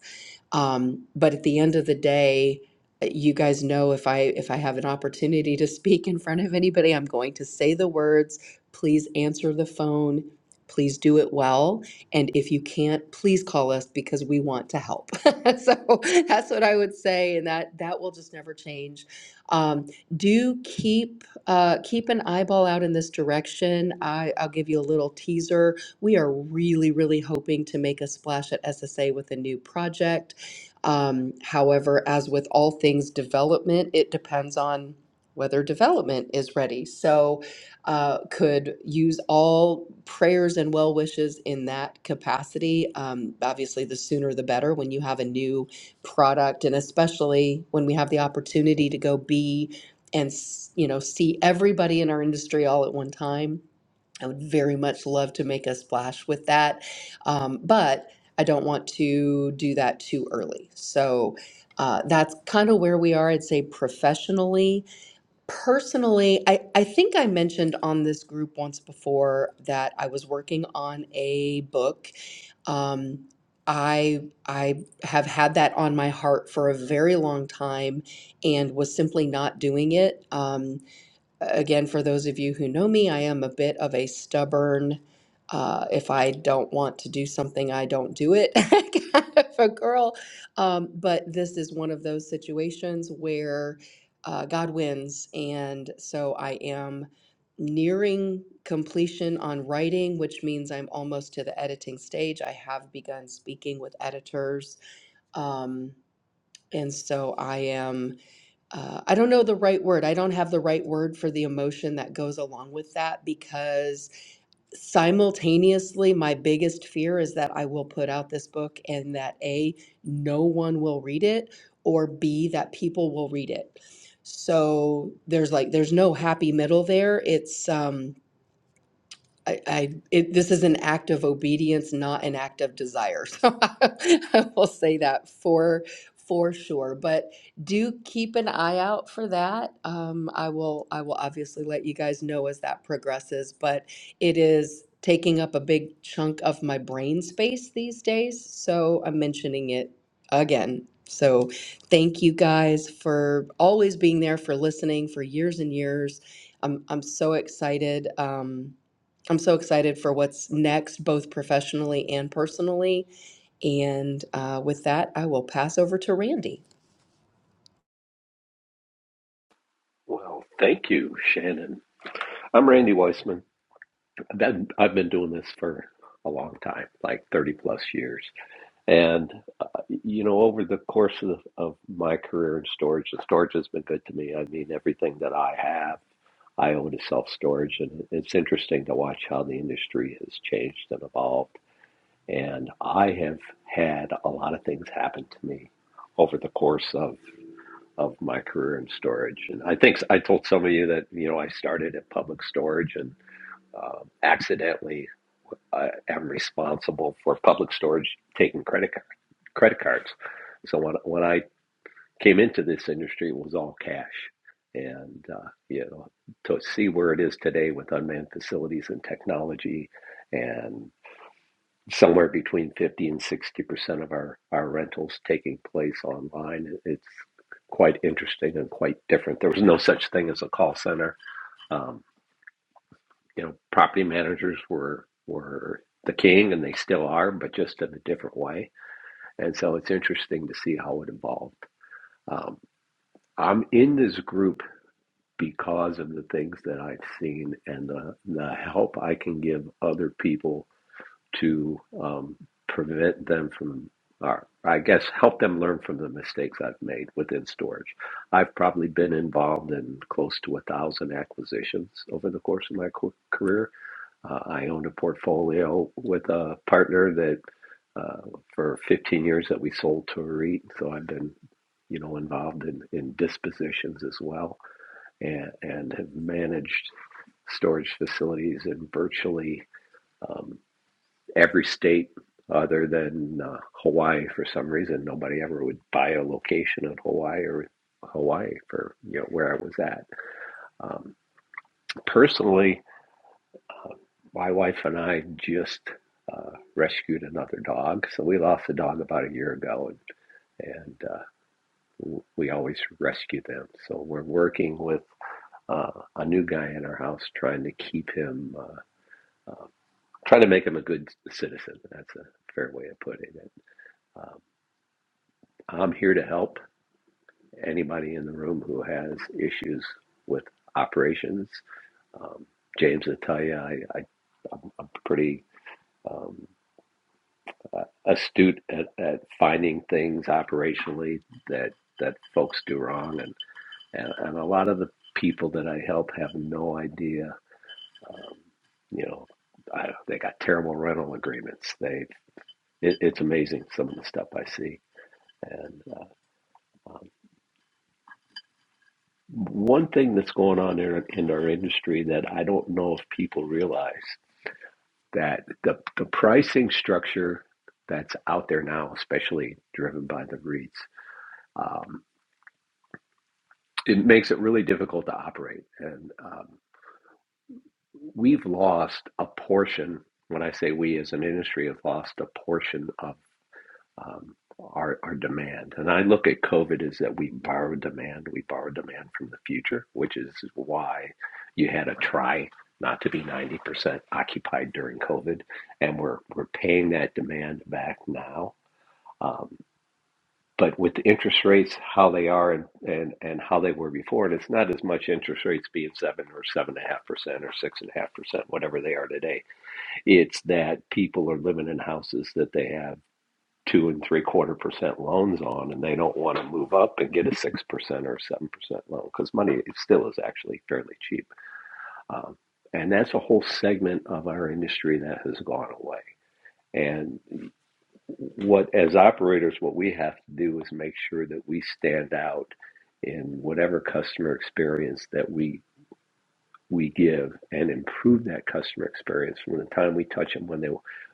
S7: um, but at the end of the day, uh, you guys know if I if I have an opportunity to speak in front of anybody, I'm going to say the words. Please answer the phone. Please do it well. And if you can't, please call us because we want to help. so that's what I would say, and that that will just never change. Um, do keep uh, keep an eyeball out in this direction. I, I'll give you a little teaser. We are really, really hoping to make a splash at SSA with a new project um, however, as with all things development, it depends on whether development is ready. So, uh, could use all prayers and well wishes in that capacity. Um, obviously, the sooner the better when you have a new product, and especially when we have the opportunity to go be and s- you know see everybody in our industry all at one time I would very much love to make a splash with that, um, but I don't want to do that too early. So uh, that's kind of where we are, I'd say, professionally. Personally, I, I think I mentioned on this group once before that I was working on a book. Um, I I have had that on my heart for a very long time and was simply not doing it. Um, again, for those of you who know me, I am a bit of a stubborn, uh, if I don't want to do something, I don't do it kind of a girl. Um, but this is one of those situations where uh, God wins. And so I am nearing completion on writing, which means I'm almost to the editing stage. I have begun speaking with editors. Um, and so I am, uh, I don't know the right word. I don't have the right word for the emotion that goes along with that because simultaneously, my biggest fear is that I will put out this book and that A, no one will read it, or B, that people will read it. So there's like, there's no happy middle there. It's, um, I, I it, this is an act of obedience, not an act of desire. So I I will say that for for sure. But do keep an eye out for that. Um, I will I will obviously let you guys know as that progresses. But it is taking up a big chunk of my brain space these days. So I'm mentioning it again. So thank you guys for always being there, for listening for years and years. I'm I'm so excited. Um, I'm so excited for what's next, both professionally and personally. And uh, with that, I will pass over to Randy.
S8: Well, thank you, Shannon. I'm Randy Weissman. That- I've been doing this for a long time, like 30 plus years. And, uh, you know, over the course of, of my career in storage, the storage has been good to me. I mean, everything that I have. I own a self storage, and it's interesting to watch how the industry has changed and evolved. And I have had a lot of things happen to me over the course of, of my career in storage. And I think I told some of you that, you know, I started at public storage and um, accidentally I am responsible for public storage taking credit, card, credit cards. So when, when I came into this industry, it was all cash. And, uh, you know, to see where it is today with unmanned facilities and technology, and somewhere between 50 and 60% of our, our rentals taking place online, it's quite interesting and quite different. There was no such thing as a call center. Um, you know, property managers were, were the king and they still are, but just in a different way. And so it's interesting to see how it evolved. Um, I'm in this group because of the things that I've seen and the, the help I can give other people to um, prevent them from, or I guess help them learn from the mistakes I've made within storage. I've probably been involved in close to a thousand acquisitions over the course of my co- career. Uh, I owned a portfolio with a partner that uh, for 15 years that we sold to a REIT, so I've been, you know, involved in, in dispositions as well and, and have managed storage facilities in virtually um, every state other than uh, Hawaii. For some reason, nobody ever would buy a location in Hawaii or Hawaii for you know where I was at. Um, personally, uh, my wife and I just uh, rescued another dog. So we lost a dog about a year ago, and, and uh, we always rescue them. So we're working with uh, a new guy in our house, trying to keep him. uh, Um, try to make him a good citizen. That's a fair way of putting it. Um, I'm here to help anybody in the room who has issues with operations. Um, James, I tell you, I, I, I'm, I'm pretty um, uh, astute at, at finding things operationally that that folks do wrong, and, and, and a lot of the people that I help have no idea. Um, you know, I, they got terrible rental agreements. They It, it's amazing some of the stuff I see. And uh, um, one thing that's going on in, in our industry that I don't know if people realize that the, the pricing structure that's out there now, especially driven by the REITs, um, it makes it really difficult to operate. And um, we've lost a portion. When I say we as an industry have lost a portion um, our, our demand. And I look at COVID as that we borrow demand, we borrow demand from the future, which is why you had a try not to be 90% occupied during COVID. And we're, we're paying that demand back now. Um, but with the interest rates, how they are and, and, and how they were before, and it's not as much interest rates being seven or seven and a half percent or six and a half percent, whatever they are today. It's that people are living in houses that they have two and three quarter percent loans on, and they don't want to move up and get a six percent or seven percent loan because money still is actually fairly cheap. Um, and that's a whole segment of our industry that has gone away. And what, as operators, what we have to do is make sure that we stand out in whatever customer experience that we we give and improve that customer experience from the time we touch them when they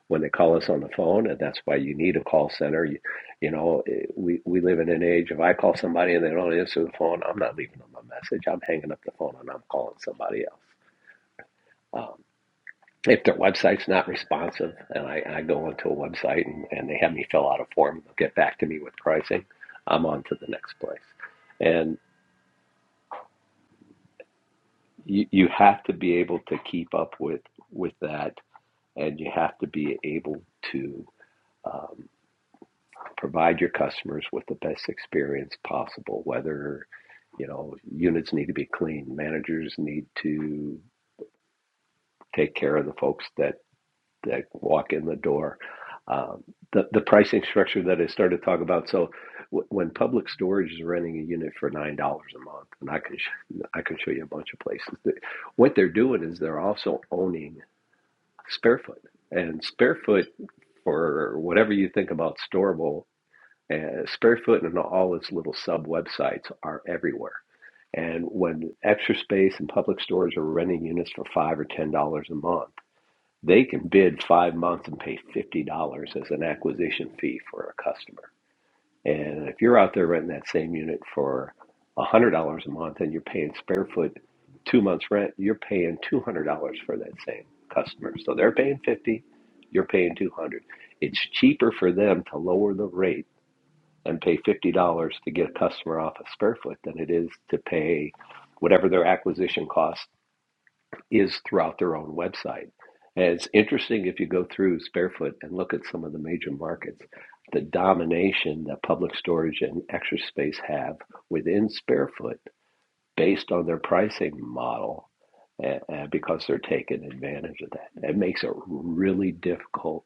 S8: when they call us on the phone and that's why you need a call center you, you know eh, we we live in an age if i call somebody and they don't answer the phone i'm not leaving them a message i'm hanging up the phone and i'm calling somebody else um, if their website's not responsive and I, I go into a website and, and they have me fill out a form they'll get back to me with pricing i'm on to the next place and you, you have to be able to keep up with with that and you have to be able to um, provide your customers with the best experience possible. Whether you know units need to be clean, managers need to take care of the folks that that walk in the door. Um, the the pricing structure that I started to talk about. So w- when Public Storage is renting a unit for nine dollars a month, and I can sh- I can show you a bunch of places. That, what they're doing is they're also owning Sparefoot, and Sparefoot or whatever you think about Storable, uh, Sparefoot and all its little sub websites are everywhere. And when Extra Space and Public Storage are renting units for five or ten dollars a month, they can bid five months and pay fifty dollars as an acquisition fee for a customer. And if you're out there renting that same unit for $100 a month and you're paying spare foot two months rent, you're paying $200 for that same customer. So they're paying 50, you're paying 200. It's cheaper for them to lower the rate and pay $50 to get a customer off a square foot than it is to pay whatever their acquisition cost is throughout their own website. And it's interesting if you go through Sparefoot and look at some of the major markets, the domination that Public Storage and Extra Space have within Sparefoot based on their pricing model and, and because they're taking advantage of that. It makes it really difficult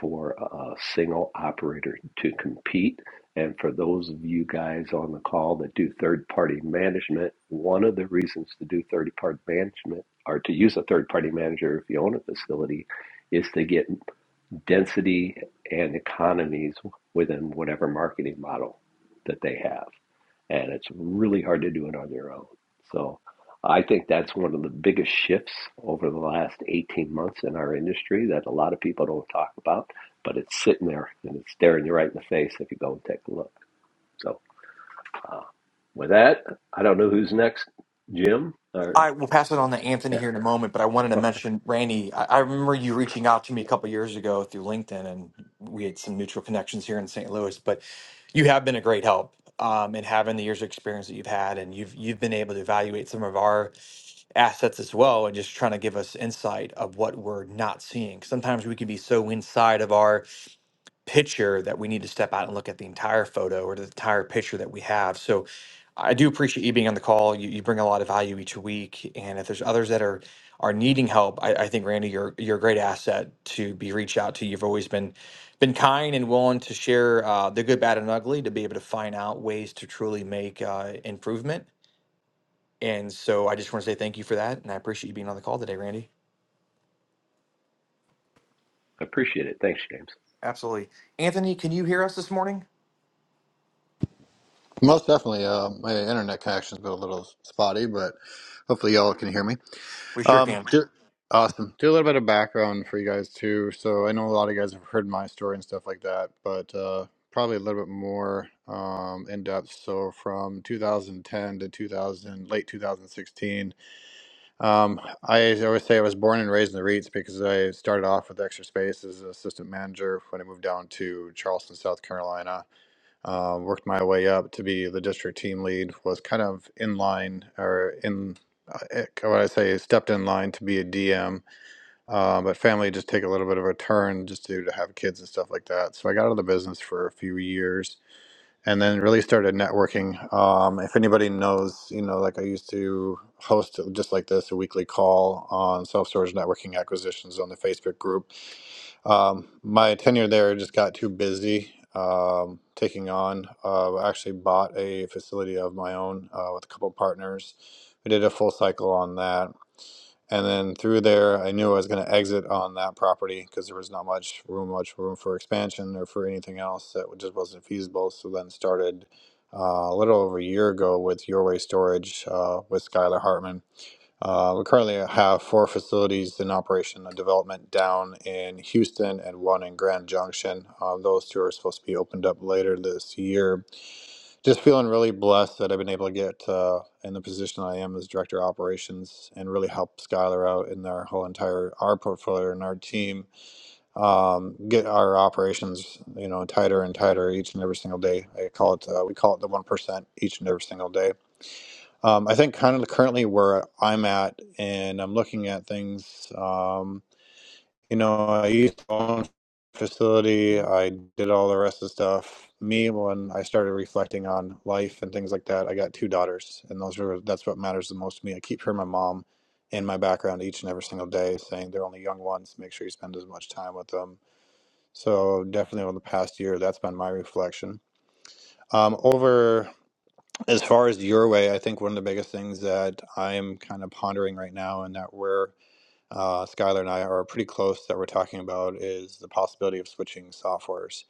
S8: for a single operator to compete. And for those of you guys on the call that do third party management, one of the reasons to do third party management or to use a third party manager if you own a facility is to get density and economies within whatever marketing model that they have and it's really hard to do it on your own. So I think that's one of the biggest shifts over the last 18 months in our industry that a lot of people don't talk about, but it's sitting there and it's staring you right in the face if you go and take a look. So uh, with that, I don't know who's next, Jim or
S3: I will pass it on to Anthony
S8: yeah,
S3: here in a moment, but I wanted to
S8: okay,
S3: mention Randy. I, I remember you reaching out to me a couple years ago through LinkedIn, and we had some mutual connections here in St. Louis. But you have been a great help um, in having the years of experience that you've had, and you've you've been able to evaluate some of our assets as well, and just trying to give us insight of what we're not seeing. Sometimes we can be so inside of our picture that we need to step out and look at the entire photo or the entire picture that we have. So I do appreciate you being on the call. You, you bring a lot of value each week. And if there's others that are are needing help, I, I think Randy, you're you're a great asset to be reached out to. You've always been been kind and willing to share uh, the good, bad, and ugly to be able to find out ways to truly make uh, improvement. And so I just want to say thank you for that, and I appreciate you being on the call today, Randy.
S8: I appreciate it. Thanks, James.
S3: Absolutely, Anthony. Can you hear us this morning?
S10: Most definitely. Uh, my internet connection's been a little spotty, but hopefully y'all can hear me.
S3: We sure
S10: Um,
S3: can.
S10: do, awesome. Do a little bit of background for you guys too. So I know a lot of you guys have heard my story and stuff like that, but uh, probably a little bit more um, in depth. So from 2010 to 2000, late 2016, um, I always say I was born and raised in the REITs because I started off with Extra Space as an assistant manager when I moved down to Charleston, South Carolina uh, worked my way up to be the district team lead was kind of in line or in uh, eh, what i say stepped in line to be a dm uh, but family just take a little bit of a turn just due to have kids and stuff like that so i got out of the business for a few years and then really started networking um, if anybody knows you know like i used to host just like this a weekly call on self-storage networking acquisitions on the facebook group um, my tenure there just got too busy um, taking on. Uh, I actually bought a facility of my own uh, with a couple partners. We did a full cycle on that. And then through there, I knew I was going to exit on that property because there was not much room, much room for expansion or for anything else that just wasn't feasible. So then started uh, a little over a year ago with Your Way Storage uh, with Skylar Hartman uh, we currently have four facilities in operation and development down in Houston and one in Grand Junction. Um, those two are supposed to be opened up later this year. Just feeling really blessed that I've been able to get uh, in the position I am as director of operations and really help Skylar out in their whole entire our portfolio and our team um, get our operations you know tighter and tighter each and every single day. I call it uh, we call it the one percent each and every single day um, I think kind of currently where I'm at, and I'm looking at things. Um, you know, I used to own a facility. I did all the rest of the stuff. Me, when I started reflecting on life and things like that, I got two daughters, and those are that's what matters the most to me. I keep hearing my mom in my background each and every single day saying they're only young ones. Make sure you spend as much time with them. So definitely over the past year, that's been my reflection. Um, over as far as your way, I think one of the biggest things that I'm kind of pondering right now, and that we're uh, Skylar and I are pretty close that we're talking about, is the possibility of switching softwares.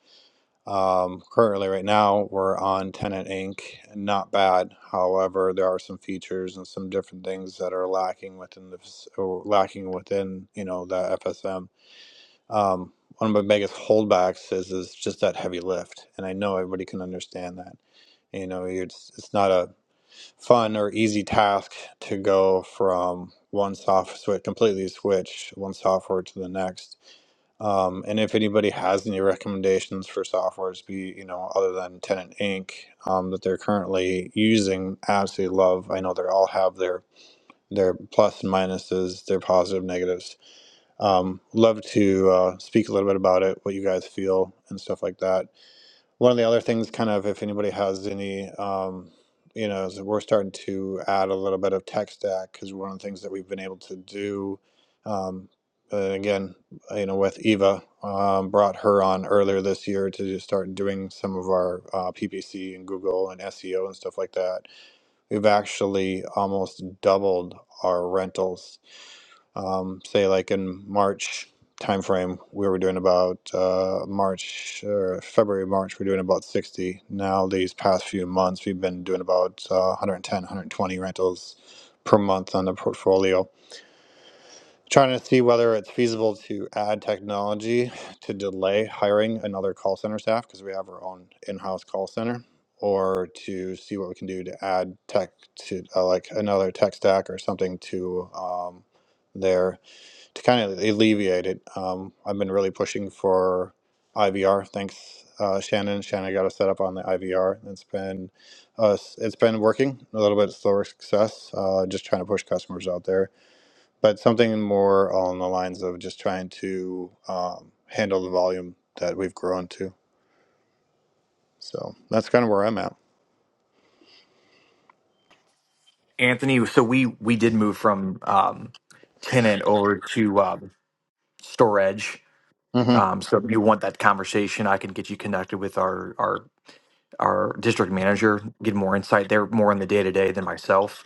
S10: Um, currently, right now, we're on Tenant Inc. Not bad. However, there are some features and some different things that are lacking within the fas- or lacking within you know the FSM. Um, one of my biggest holdbacks is is just that heavy lift, and I know everybody can understand that. You know, it's it's not a fun or easy task to go from one software switch completely switch one software to the next um, and if anybody has any recommendations for softwares be you know other than tenant inc um, that they're currently using absolutely love i know they all have their their plus and minuses their positive negatives um, love to uh, speak a little bit about it what you guys feel and stuff like that one of the other things, kind of, if anybody has any, um, you know, is that we're starting to add a little bit of tech stack because one of the things that we've been able to do, um, uh, again, you know, with Eva, um, brought her on earlier this year to just start doing some of our uh, PPC and Google and SEO and stuff like that. We've actually almost doubled our rentals um, say like in March timeframe, we were doing about uh, March or February, March, we're doing about 60. Now, these past few months, we've been doing about uh, 110, 120 rentals per month on the portfolio. Trying to see whether it's feasible to add technology to delay hiring another call center staff because we have our own in house call center. Or to see what we can do to add tech to uh, like another tech stack or something to um, there to kind of alleviate it, um, I've been really pushing for IVR. Thanks, uh, Shannon. Shannon got us set up on the IVR. It's been uh, it's been working a little bit slower success. Uh, just trying to push customers out there, but something more on the lines of just trying to um, handle the volume that we've grown to. So that's kind of where I'm at.
S3: Anthony, so we we did move from um, tenant over to um, storage.
S10: Mm-hmm.
S3: Um, so if you want that conversation, I can get you connected with our our our district manager, get more insight. They're more in the day to day than myself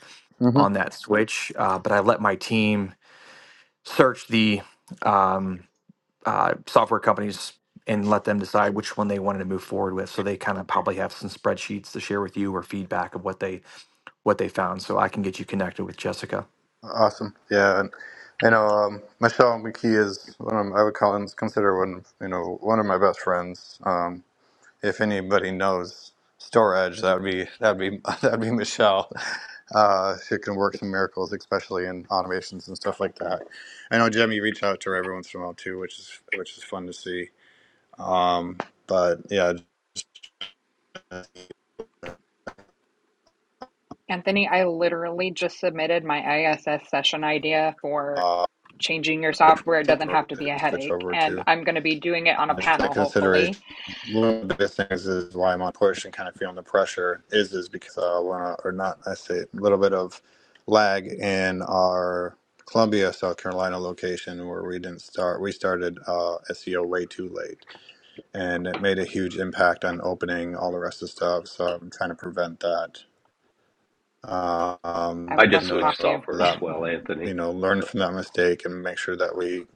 S3: on
S10: Mm-hmm.
S3: that switch. Uh, but I let my team search the um, uh, software companies and let them decide which one they wanted to move forward with. So they kind of probably have some spreadsheets to share with you or feedback of what they what they found. So I can get you connected with Jessica.
S10: Awesome. Yeah. And, you know, um, Michelle McKee is one of I would call him consider one you know one of my best friends. Um, If anybody knows storage, that would be that would be that would be Michelle. Uh, she can work
S8: Yeah.
S10: some miracles, especially in automations and stuff like that. I know Jimmy reached out to her every once in a while too, which is which is fun to see. Um, but yeah,
S5: Anthony, I literally just submitted my ISS session idea for
S10: uh,
S5: changing your software. It
S10: different
S5: doesn't have
S10: software
S5: to
S10: to
S5: be a
S10: switch
S5: headache.
S10: over
S5: And
S10: to
S5: I'm going to be doing it on a
S10: uh, just that
S5: panel,
S10: consideration.
S5: hopefully.
S10: one of the biggest things is why I'm on push and kind of feeling the pressure is is because uh, we're or not I say a little bit of lag in our Columbia, South Carolina location where we didn't start. We started uh, SEO way too late, and it made a huge impact on opening all the rest of the stuff. So I'm trying to prevent that.
S5: I
S8: I
S10: Um,
S5: would
S10: you
S8: just
S5: love to
S10: know
S8: switched
S5: talk to you.
S8: software as
S10: that
S8: well,
S10: you
S8: Anthony.
S10: know learn from that mistake and make sure that we.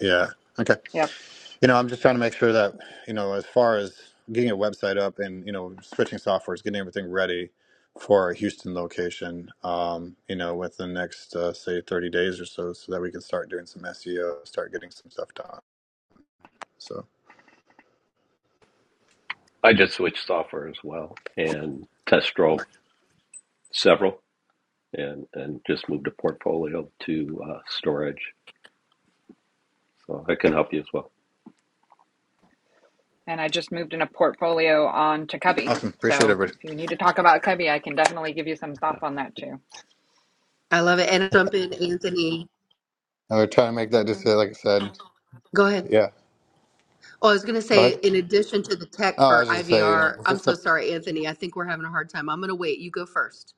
S10: Yeah. Okay.
S5: Yep.
S10: You know, I'm just trying to make sure that, you know, as far as getting a website up and, you know, switching softwares, getting everything ready for our Houston location, um, you know, within the next, uh, say, 30 days or so, so that we can start doing some SEO, start getting some stuff done. So
S8: I just switched software as well and test drove several. and and just moved a portfolio to uh, storage. So I can help you as well.
S5: And I just moved in a portfolio on to Cubby.
S10: awesome.
S5: So
S10: Appreciate everybody.
S5: if you need to talk about Cubby, I can definitely give you some thoughts on that too.
S7: I love it. And jump in, Anthony.
S10: I would try to make that just uh, like I said.
S7: Go ahead.
S10: Yeah.
S7: Oh, I was going to
S10: Go
S7: say,
S10: ahead.
S7: in addition to the tech
S10: Oh, I
S7: for
S10: was just gonna say, you know,
S7: IVR,
S10: it's
S7: I'm
S10: just
S7: so
S10: the,
S7: sorry, Anthony. I think we're having a hard time. I'm going to wait. You go first.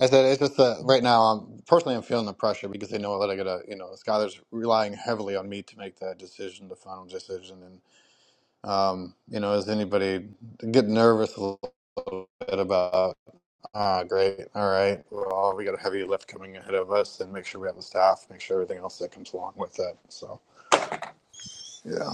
S10: I said, it's just the, right now, I'm personally, I'm feeling the pressure because I know that I gotta, you know, Skylar's relying heavily on me to make that decision, the final decision. and. Um, you know, does anybody get nervous a little bit about, ah, great, all right, well, we got a heavy lift coming ahead of us, and make sure we have the staff, make sure everything else that comes along with it. So, yeah,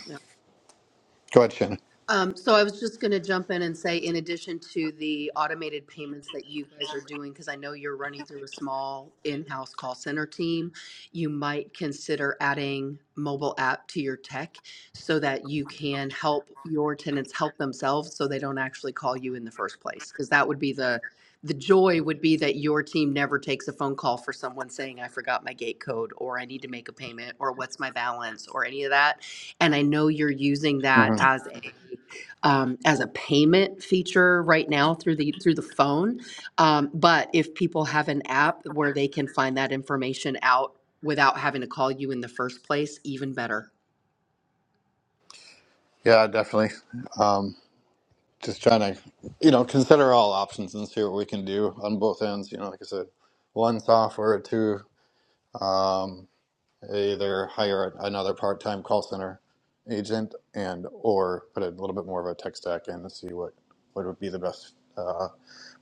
S10: go ahead, Shannon.
S7: Um, so I was just going to jump in and say, in addition to the automated payments that you guys are doing, because I know you're running through a small in-house call center team, you might consider adding mobile app to your tech so that you can help your tenants help themselves so they don't actually call you in the first place. Because that would be the, the joy would be that your team never takes a phone call for someone saying, I forgot my gate code, or I need to make a payment, or what's my balance, or any of that. And I know you're using that
S10: hmm
S7: as a um, as a payment feature right now through the through the phone. Um, but if people have an app where they can find that information out without having to call you in the first place, even better.
S10: Yeah, definitely. Um, just trying to, you know, consider all options and see what we can do on both ends. You know, like I said, one software, two. Um, either hire another part-time call center agent and or put a little bit more of a tech stack in to see what, what would be the best uh,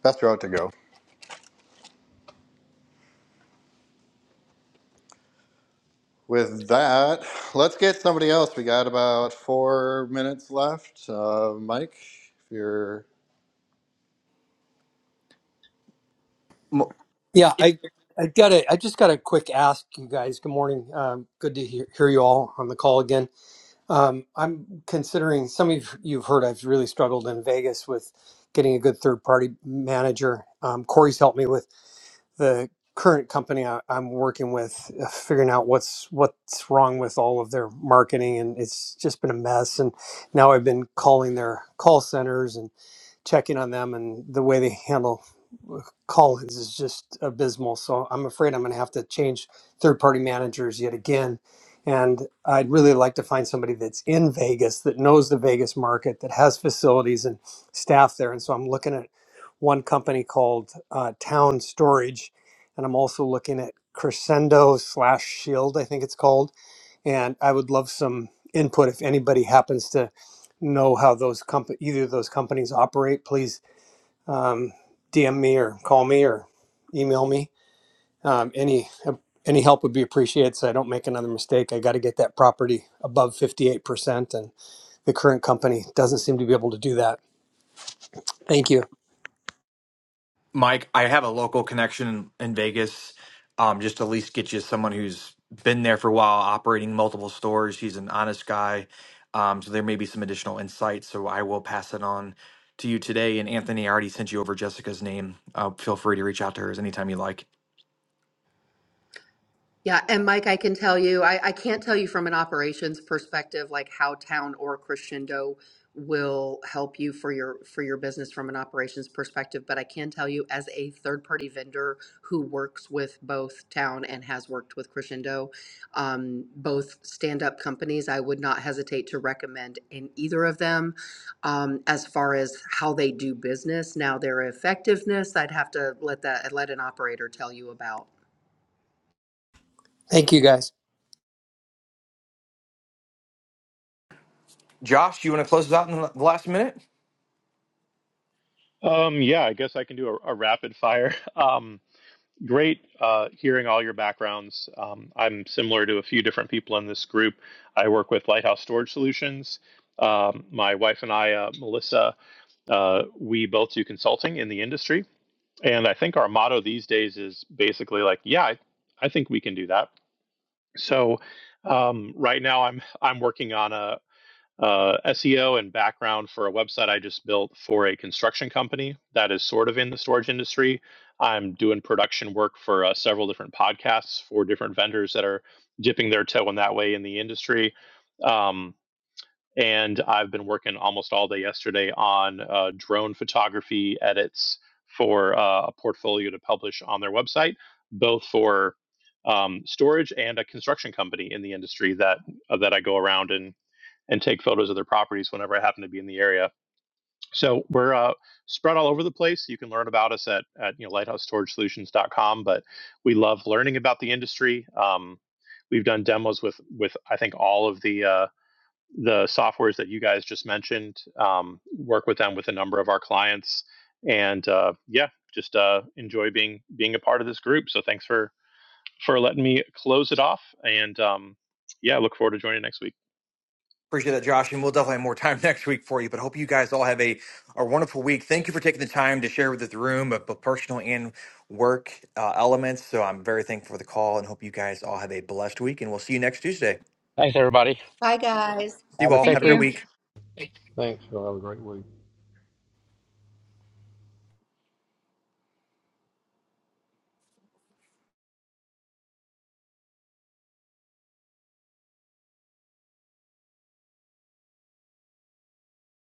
S10: best route to go. With that, let's get somebody else. We got about four minutes left. Uh, Mike, if you're
S3: Mo-
S11: Yeah, I I got a I just got a quick ask, you guys. Good morning. Um, good to hear, hear you all on the call again. Um, I'm considering some of you've heard I've really struggled in Vegas with getting a good third party manager. Um, Corey's helped me with the current company I, I'm working with, uh, figuring out what's what's wrong with all of their marketing, and it's just been a mess. And now I've been calling their call centers and checking on them and the way they handle call-ins is just abysmal. So I'm afraid I'm going to have to change third-party managers yet again. And I'd really like to find somebody that's in Vegas that knows the Vegas market that has facilities and staff there. And so I'm looking at one company called uh, Town Storage, and I'm also looking at Crescendo slash Shield, I think it's called and I would love some input if anybody happens to know how those comp- either of those companies operate. Please um, DM me or call me or email me. Um, any any help would be appreciated, so I don't make another mistake. I got to get that property above fifty eight percent, and the current company doesn't seem to be able to do that. Thank you.
S3: Mike, I have a local connection in, Vegas. Um, just to at least get you someone who's been there for a while, operating multiple stores. He's an honest guy. Um, so there may be some additional insight. So I will pass it on to you today. And Anthony, I already sent you over Jessica's name. Uh, feel free to reach out to her anytime you like.
S7: Yeah, and Mike, I can tell you, I, I can't tell you from an operations perspective, like how Town or Crescendo will help you for your for your business from an operations perspective, but I can tell you as a third party vendor who works with both Town and has worked with Crescendo, um, both stand up companies, I would not hesitate to recommend in either of them um, as far as how they do business. Now their effectiveness, I'd have to let that let an operator tell you about
S11: Thank you, guys.
S3: Josh, you want to close us out in the last minute?
S12: Um, yeah, I guess I can do a, a rapid fire. Um, great uh, hearing all your backgrounds. Um, I'm similar to a few different people in this group. I work with Lighthouse Storage Solutions. Um, my wife and I, uh, Melissa, uh, we both do consulting in the industry. And I think our motto these days is basically like, yeah, I, I think we can do that. So um, right now I'm I'm working on a, uh, SEO and background for a website I just built for a construction company that is sort of in the storage industry. I'm doing production work for uh, several different podcasts for different vendors that are dipping their toe in that way in the industry. Um, and I've been working almost all day yesterday on uh, drone photography edits for uh, a portfolio to publish on their website, both for um, storage and a construction company in the industry that uh, that I go around and and take photos of their properties whenever I happen to be in the area. So we're uh, spread all over the place. You can learn about us at, at you know, lighthousestorage.solutions.com, but we love learning about the industry. Um, we've done demos with, with I think, all of the uh, the softwares that you guys just mentioned, um, work with them with a number of our clients. And uh, yeah, just uh, enjoy being being a part of this group. So thanks for for letting me close it off. And um, yeah, look forward to joining next week.
S3: Appreciate that, Josh. And we'll definitely have more time next week for you. But hope you guys all have a, a wonderful week. Thank you for taking the time to share with the room of both personal and work uh, elements. So I'm very thankful for the call and hope you guys all have a blessed week. And we'll see you next Tuesday.
S1: Thanks, everybody.
S3: See you
S1: Have a
S3: all.
S1: safe
S5: Thank
S3: Have a
S1: week.
S3: good
S5: you.
S3: week.
S6: Thanks. Y'all have a great week.